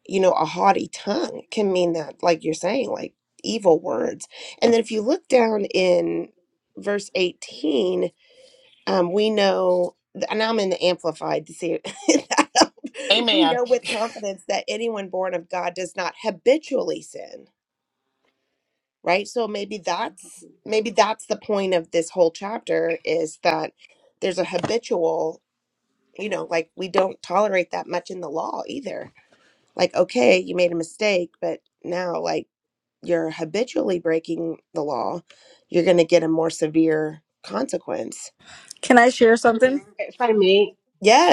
you know, a haughty tongue can mean that, like you're saying, like evil words. And then if you look down in verse 18, um, we know, and I'm in the amplified to see it. <laughs> we
Amen.
know with confidence that anyone born of God does not habitually sin right so maybe that's maybe that's the point of this whole chapter is that there's a habitual you know like we don't tolerate that much in the law either like okay you made a mistake but now like you're habitually breaking the law you're going to get a more severe consequence
Can I share something?
if I may,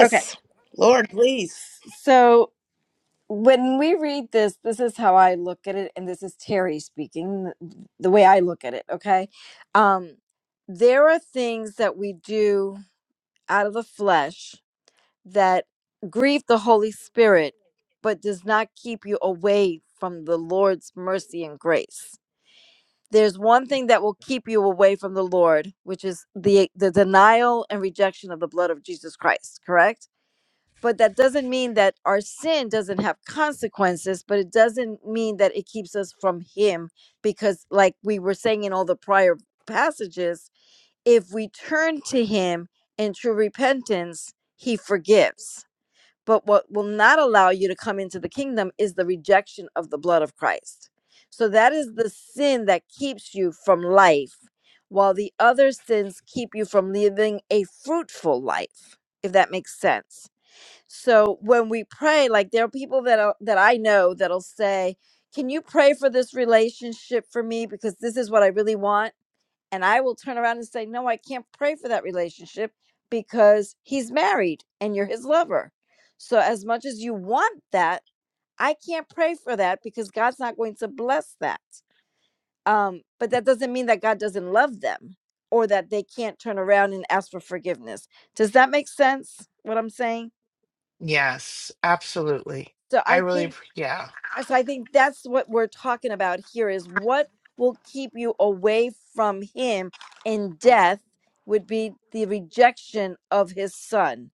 okay
lord please
so when we read this this is how i look at it and this is terry speaking th- the way i look at it okay um there are things that we do out of the flesh that grieve the holy spirit but does not keep you away from the lord's mercy and grace there's one thing that will keep you away from the Lord, which is the the denial and rejection of the blood of Jesus Christ, correct? But that doesn't mean that our sin doesn't have consequences, but it doesn't mean that it keeps us from him because like we were saying in all the prior passages, if we turn to him in true repentance, he forgives but what will not allow you to come into the kingdom is the rejection of the blood of Christ. So that is the sin that keeps you from life, while the other sins keep you from living a fruitful life, if that makes sense. So when we pray, like there are people that are, that I know that'll say, "Can you pray for this relationship for me because this is what I really want?" and I will turn around and say, No, I can't pray for that relationship because he's married and you're his lover. So, as much as you want that, I can't pray for that because God's not going to bless that. Um, but that doesn't mean that God doesn't love them or that they can't turn around and ask for forgiveness. Does that make sense what I'm saying?
Yes, absolutely.
So,
I
I
really
think
appre- yeah.
so I think that's what we're talking about here is what will keep you away from him in death would be the rejection of his son.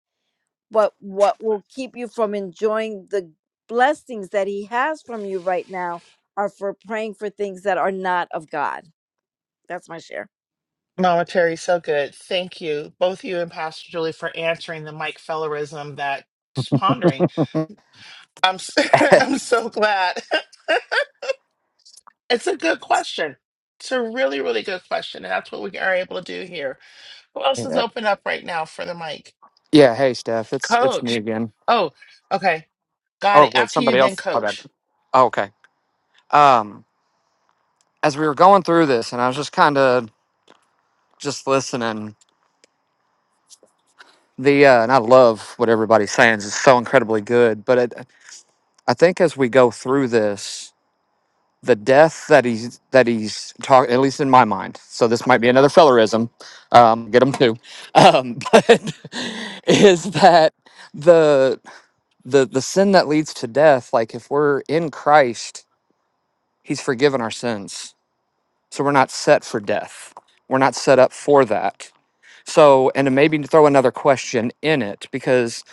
But what will keep you from enjoying the blessings that he has from you right now are for praying for things that are not of God. That's my share.
Mama Terry, so good. Thank you, both you and Pastor Julie, for answering the Mike Fellerism that just pondering. I'm s- <laughs> I'm so glad. <laughs> it's a good question. It's a really, really good question. And that's what we are able to do here. Who else is
yeah.
open up right now for the mic?
yeah, hey Steph, it's it's me
Coach.
again.
Oh, okay. Got
Oh
it.
wait,
After you,
somebody
then
else. Oh, that.
coach.
oh okay. Um as we were going through this and I was just kinda just listening the uh, and I love what everybody's saying. It's so incredibly good. But it, I think as we go through this, the death that he's that he's talking, at least in my mind. So this might be another fellerism. Um, get them too. Um, <laughs> but is that the the the sin that leads to death? Like if we're in Christ, He's forgiven our sins, so we're not set for death. We're not set up for that. So, and then maybe throw another question in it because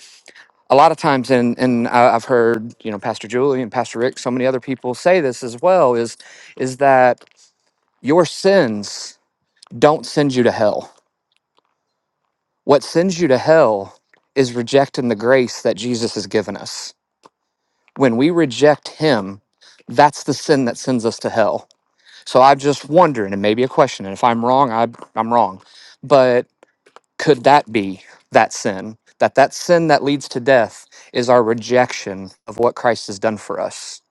a lot of times, and and I- I've heard you know Pastor Julie and Pastor Rick, so many other people say this as well is is that your sins don't send you to hell. What sends you to hell is rejecting the grace that Jesus has given us. When we reject Him, that's the sin that sends us to hell. So I'm just wondering, and maybe a question, and if I'm wrong, I, I'm wrong, but could that be that sin that that sin that leads to death is our rejection of what christ has done for us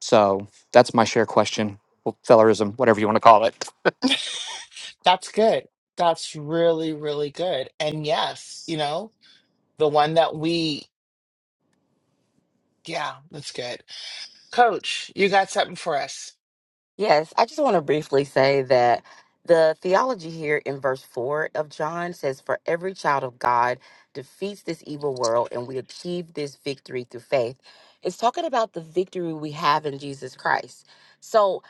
so that's my share question well, fellerism whatever you want to call it
That's good. That's really, really good. And yes, you know, the one that we, yeah, that's good. Coach, you got something for us.
Yes, I just want to briefly say that the theology here in verse 4 of John says, For every child of God defeats this evil world, and we achieve this victory through faith. It's talking about the victory we have in Jesus Christ. So,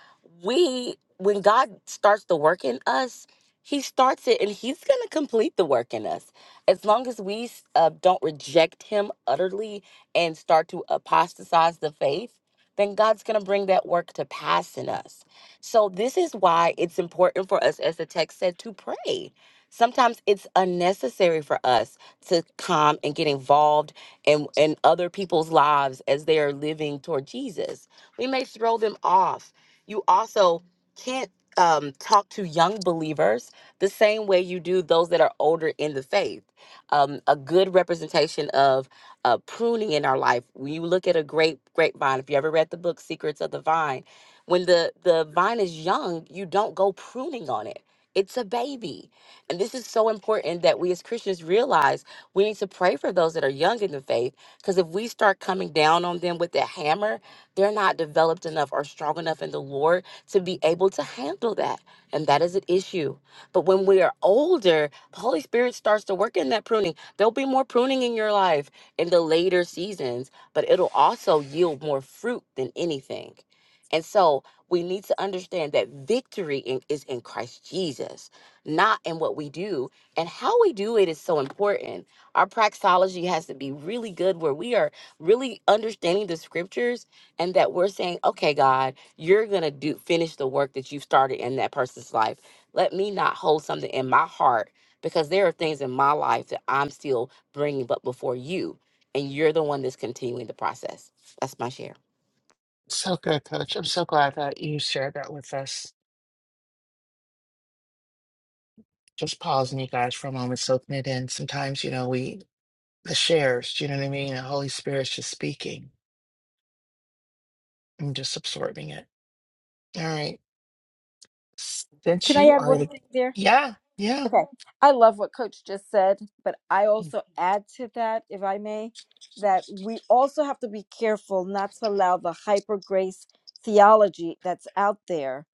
we, when God starts the work in us, he starts it and he's going to complete the work in us. As long as we uh, don't reject him utterly and start to apostatize the faith, then God's going to bring that work to pass in us. So, this is why it's important for us, as the text said, to pray. Sometimes it's unnecessary for us to come and get involved in, in other people's lives as they are living toward Jesus. We may throw them off. You also can't um, talk to young believers the same way you do those that are older in the faith. Um, a good representation of uh, pruning in our life. When you look at a grape grapevine, if you ever read the book Secrets of the Vine, when the the vine is young, you don't go pruning on it. It's a baby. And this is so important that we as Christians realize we need to pray for those that are young in the faith because if we start coming down on them with the hammer, they're not developed enough or strong enough in the Lord to be able to handle that. And that is an issue. But when we are older, the Holy Spirit starts to work in that pruning. There'll be more pruning in your life in the later seasons, but it'll also yield more fruit than anything. And so we need to understand that victory in, is in Christ Jesus, not in what we do. And how we do it is so important. Our praxology has to be really good, where we are really understanding the scriptures and that we're saying, okay, God, you're going to do finish the work that you've started in that person's life. Let me not hold something in my heart because there are things in my life that I'm still bringing up before you and you're the one that's continuing the process. That's my share.
So good, coach. I'm so glad that you shared that with us. Just pausing you guys for a moment, soaking it in. Sometimes, you know, we, the shares, do you know what I mean? The Holy Spirit's just speaking and just absorbing it. All right. Since
Can I
you
add
are
one
the
thing there?
yeah, yeah.
Okay. I love what Coach just said, but I
I
also add to that, if I may, that we also have to be careful not to allow the hyper grace theology that's out there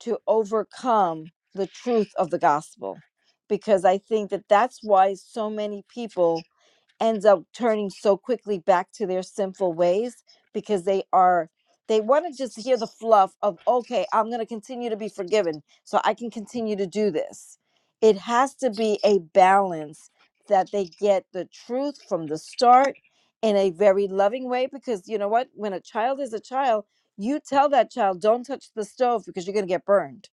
to overcome the truth of the gospel. Because I think that that's why so many people ends up turning so quickly back to their sinful ways because they are they want to just hear the fluff of okay i'm going to continue to be forgiven so i can continue to do this it has to be a balance that they get the truth from the start in a very loving way because you know what when a child is a child you tell that child don't touch the stove because you're going to get burned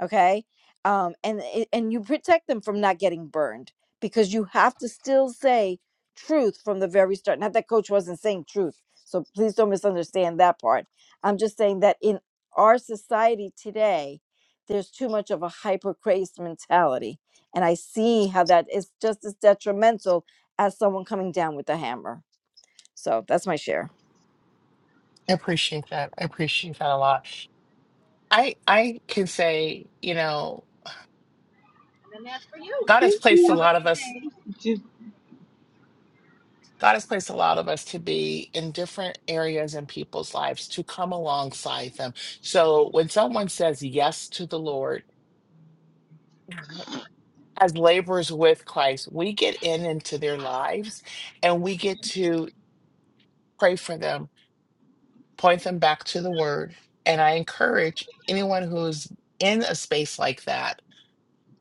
okay um and it- and you protect them from not getting burned because you have to still say truth from the very start not that coach wasn't saying truth so please don't misunderstand that part i'm just saying that in our society today there's too much of a hyper crazed mentality and i see how that is just as detrimental as someone coming down with a hammer so that's my share
appreciate that. I appreciate that a lot. I I can say, you know,
And then that's for you.
God has
Thank
placed
you.
a
Have a
lot of us
good day.
God has placed a lot of us to be in different areas in people's lives to come alongside them. So when someone says yes to the Lord as laborers with Christ, we get in into their lives and we get to pray for them point them back to the word. And I encourage anyone who's in a space like that,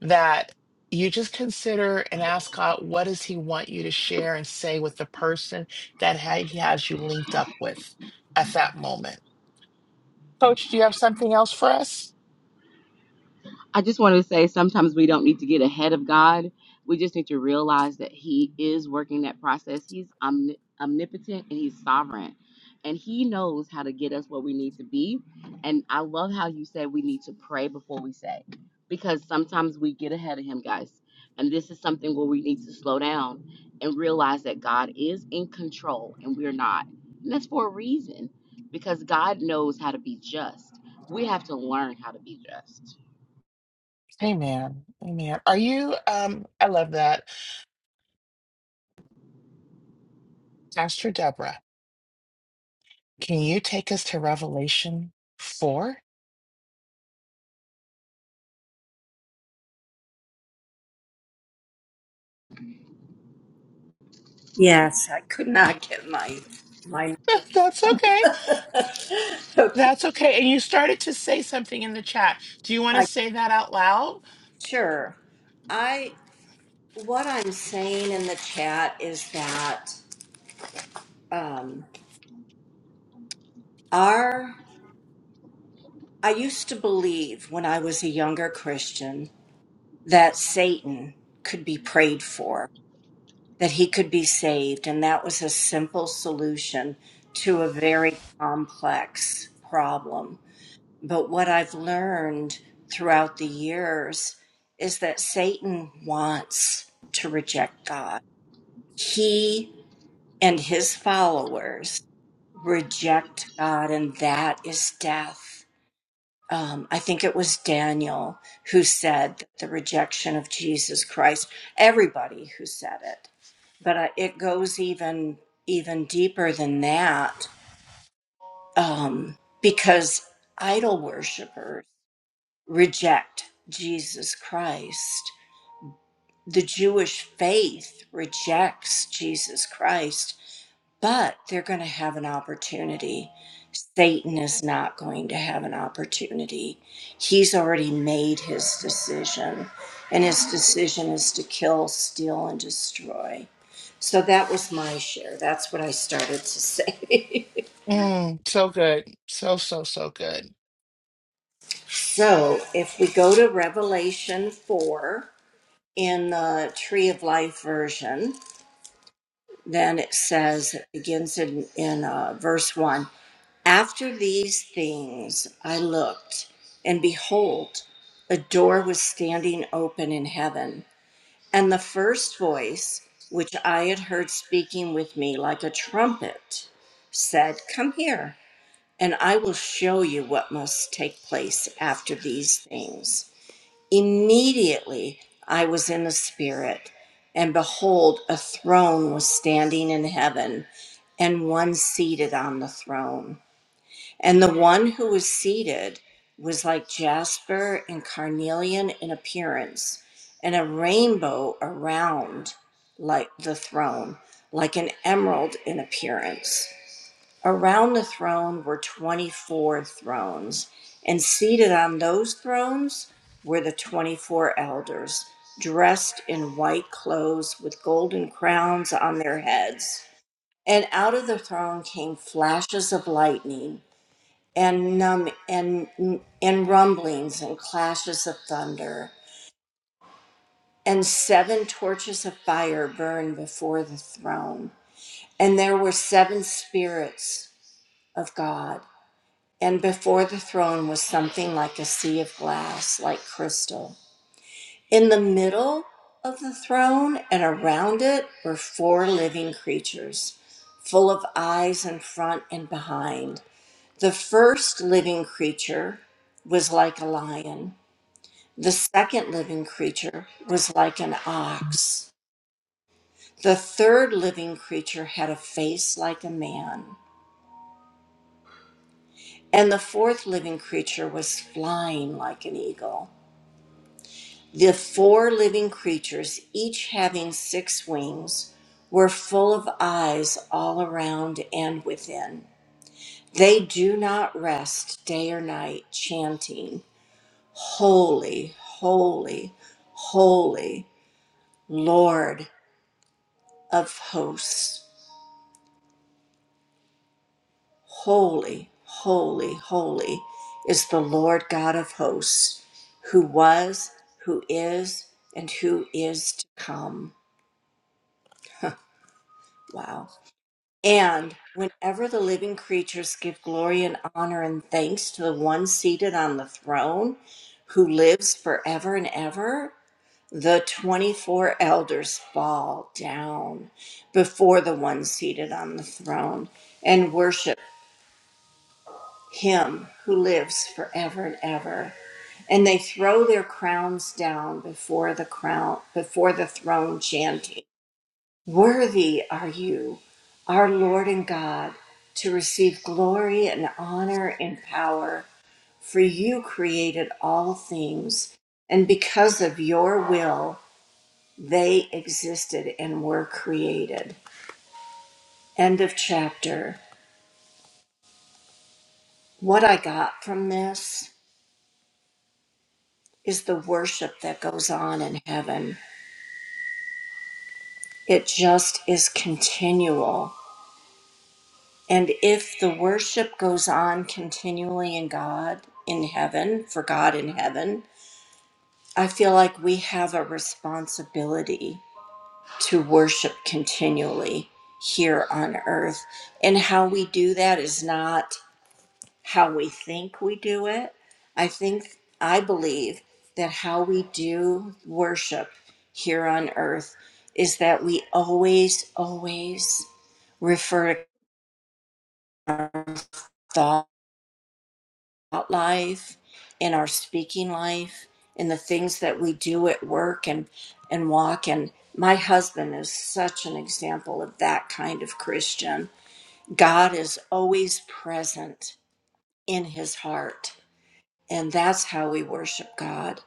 that you just consider and ask God, what does he want you to share and say with the person that ha- he has you linked up with at that moment? Coach, do you have something else for us?
I just want to say sometimes we don't need to get ahead of God. We just need to realize that He is working that process. He's omni- omnipotent and He's sovereign. And He knows how to get us where we need to be. And I love how you said we need to pray before we say, because sometimes we get ahead of Him, guys. And this is something where we need to slow down and realize that God is in control and we're not. And that's for a reason, because God knows how to be just. We have to learn how to be just.
Amen. Amen. Are you, um, I love that. Pastor Deborah, can you take us to Revelation 4?
Yes, I could not
<laughs>
get my my
That's okay.
<laughs> Okay,
That's okay. And you started to say something in the chat. Do you want to
I
say that out loud?
sure. I what I'm saying in the chat is that um our I used to believe when I was a younger Christian that Satan could be prayed for, that he could be saved, and that was a simple solution to a very complex problem. But what I've learned throughout the years is that Satan wants to reject God. He and his followers reject God, and that is death. Um, I think it was Daniel who said that the rejection of Jesus Christ. Everybody who said it, but uh, it goes even even deeper than that um, because idol worshippers reject Jesus Christ. The Jewish faith rejects Jesus Christ, but they're going to have an opportunity. Satan is not going to have an opportunity. He's already made his decision, and his decision is to kill, steal, and destroy. So that was my share. That's what I started to say.
Mm, so good. So, so, so good.
<laughs> so if we go to Revelation 4 in the Tree of Life version, then it says it begins in in uh, verse one. After these things, I looked, and behold, a door was standing open in heaven, and the first voice which I had heard speaking with me like a trumpet said, "Come here." And I will show you what must take place after these things. Immediately I was in the Spirit, and behold, a throne was standing in heaven, and one seated on the throne. And the one who was seated was like jasper and carnelian in appearance, and a rainbow around like the throne, like an emerald in appearance. Around the throne were 24 thrones, and seated on those thrones were the 24 elders, dressed in white clothes with golden crowns on their heads. And out of the throne came flashes of lightning and num- and and rumblings and clashes of thunder. And seven torches of fire burned before the throne. And there were seven spirits of God And before the throne was something like a sea of glass, like crystal. In the middle of the throne and around it were four living creatures, full of eyes in front and behind. The first living creature was like a lion. The second living creature was like an ox. The third living creature had a face like a man. And the fourth living creature was flying like an eagle. The four living creatures, each having six wings, were full of eyes all around and within. They do not rest day or night, chanting, Holy, holy, holy, Lord of hosts. Holy, holy, holy is the Lord God of hosts, who was, who is, and who is to come. Wow. And whenever the living creatures give glory and honor and thanks to the one seated on the throne who lives forever and ever, the 24 elders fall down before the one seated on the throne and worship him who lives forever and ever. And they throw their crowns down before the crown before the throne chanting Worthy are you, our Lord and God, to receive glory and honor and power, for you created all things, and because of your will, they existed and were created. End of chapter. What I got from this is the worship that goes on in heaven. It just is continual And if the worship goes on continually in God, in heaven, for God in heaven, I feel like we have a responsibility to worship continually here on earth. And how we do that is not how we think we do it. I think, I believe that how we do worship here on earth is that we always, always refer to God thought life, in our speaking life, in the things that we do at work and and walk and my husband is such an example of that kind of Christian. God is always present in his heart. And that's how we worship God.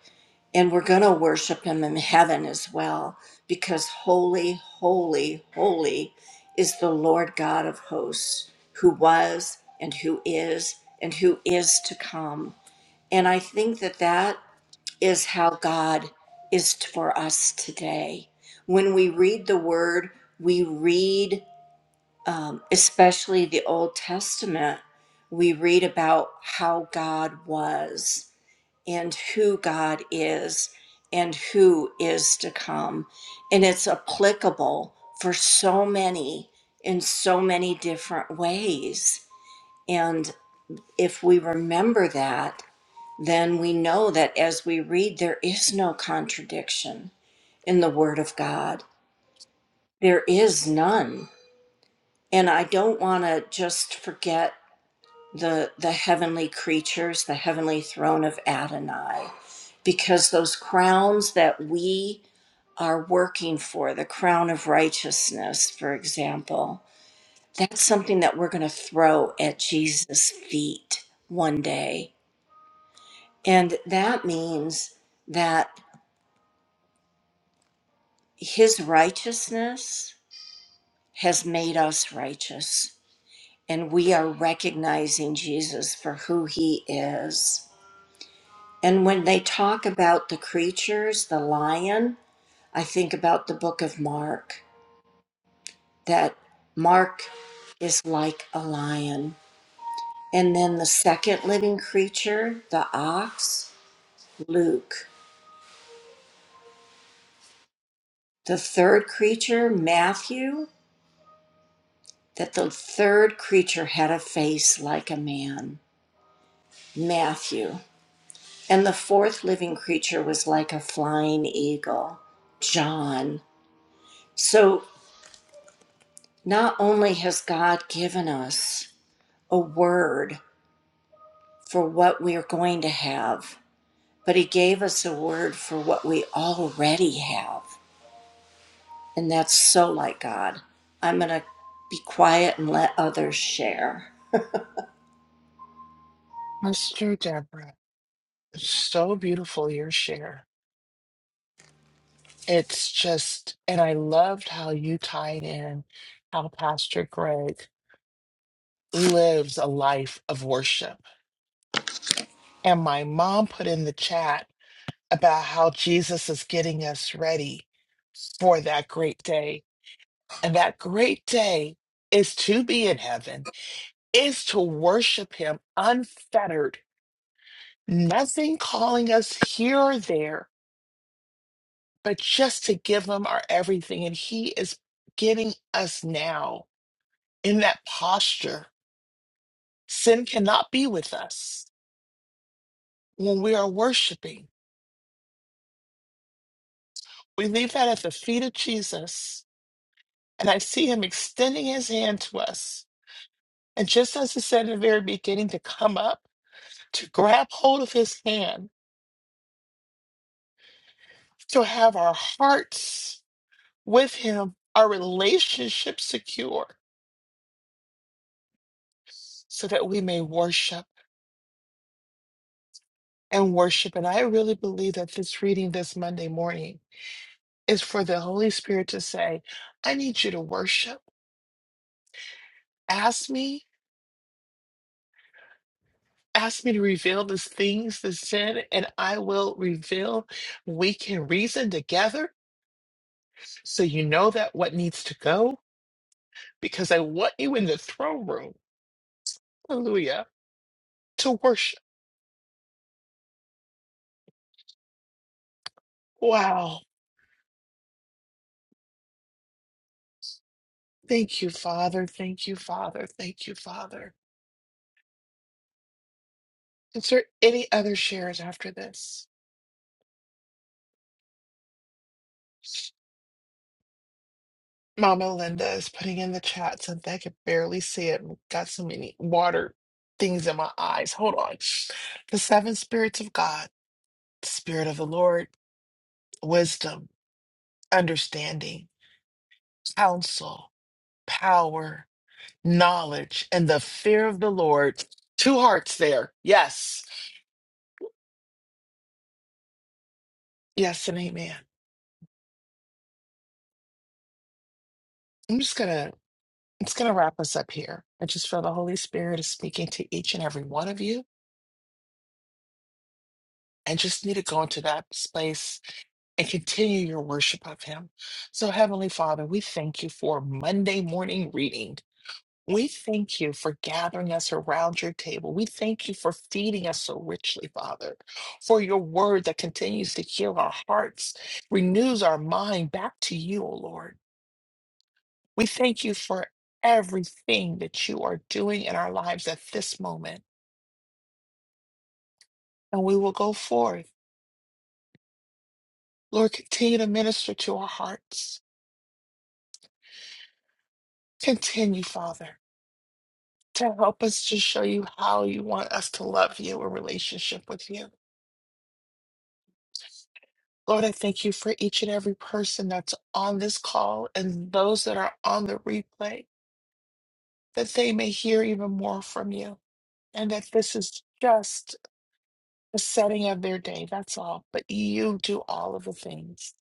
And we're going to worship him in heaven as well because holy, holy, holy is the Lord God of hosts who was and who is and who is to come and I think that that is how God is for us today. When we read the word, we read, um, especially the Old Testament, we read about how God was and who God is and who is to come. And it's applicable for so many in so many different ways. And if we remember that, then we know that as we read, there is no contradiction in the Word of God. There is none. And I don't want to just forget the, the heavenly creatures, the heavenly throne of Adonai, because those crowns that we are working for, the crown of righteousness, for example, that's something that we're going to throw at Jesus' feet one day. And that means that. His righteousness has made us righteous, and we are recognizing Jesus for who he is. And when they talk about the creatures, the lion, I think about the book of Mark, that Mark is like a lion. And then the second living creature, the ox, Luke. The third creature, Matthew, that the third creature had a face like a man, Matthew And the fourth living creature was like a flying eagle, John. So not only has God given us a word for what we are going to have, but He gave us a word for what we already have. And that's so like God. I'm going to be quiet and let others share.
Mr. Deborah. So beautiful, your share. It's just, and I loved how you tied in how Pastor Greg lives a life of worship. And my mom put in the chat about how Jesus is getting us ready for that great day. And that great day is to be in heaven is to worship him unfettered, nothing calling us here or there, but just to give him our everything. And he is getting us now in that posture. Sin cannot be with us when we are worshiping. We leave that at the feet of Jesus, and I see him extending his hand to us. And just as he said in the very beginning, to come up, to grab hold of his hand, to have our hearts with him, our relationship secure, so that we may worship and worship. And I really believe that this reading this Monday morning is for the Holy Spirit to say, I need you to worship. Ask me, ask me to reveal these things, the sin, and I will reveal. We can reason together so you know that what needs to go, because I want you in the throne room. Hallelujah. To worship. Wow. Thank you, Father. Thank you, Father. Thank you, Father. Is there any other shares after this? Mama Linda is putting in the chat something I could barely see it. Got so many water things in my eyes. Hold on. The seven spirits of God, the spirit of the Lord, wisdom, understanding, counsel, power, knowledge, and the fear of the Lord. Two hearts there. Yes. Yes and amen. I'm just gonna It's going to wrap us up here. I just feel the Holy Spirit is speaking to each and every one of you and just need to go into that space and continue your worship of Him. So, Heavenly Father, we thank you for Monday morning reading. We thank you for gathering us around your table. We thank you for feeding us so richly, Father, for your word that continues to heal our hearts, renews our mind back to you, O Lord. We thank you for everything that you are doing in our lives at this moment. and we will go forth. Lord, continue to minister to our hearts. Continue, Father, to help us to show you how you want us to love you in relationship with you. Lord, I thank you for each and every person that's on this call and those that are on the replay, that they may hear even more from you and that this is just the setting of their day. That's all. But you do all of the things.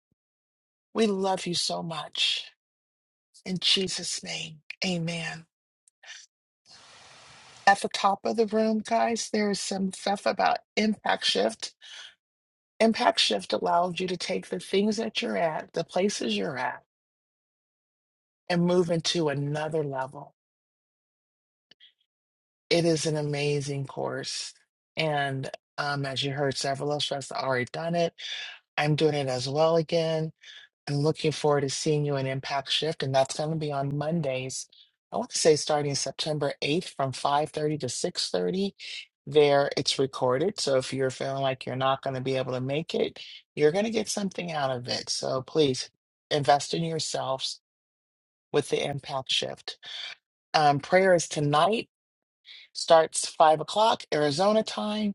We love you so much. In Jesus' name, amen. At the top of the room, guys, there's some stuff about impact shift. Impact shift allows you to take the things that you're at, the places you're at, and move into another level. It is an amazing course. And um, as you heard, several of us have already done it. I'm doing it as well again. I'm looking forward to seeing you in Impact Shift, and that's going to be on Mondays. I want to say starting September 8th from 5:30 to 6:30. There, it's recorded. So if you're feeling like you're not going to be able to make it, you're going to get something out of it. So please invest in yourselves with the Impact Shift. Um, prayer is tonight, starts 5 o'clock Arizona time,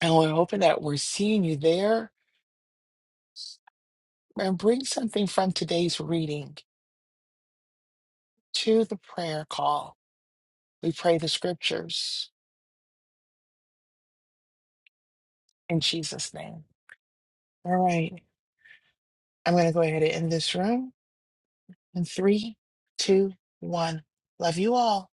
and we're hoping that we're seeing you there. And bring something from today's reading to the prayer call We pray the scriptures in Jesus' name. All right. I'm going to go ahead and end this room in three, two, one. Love you all.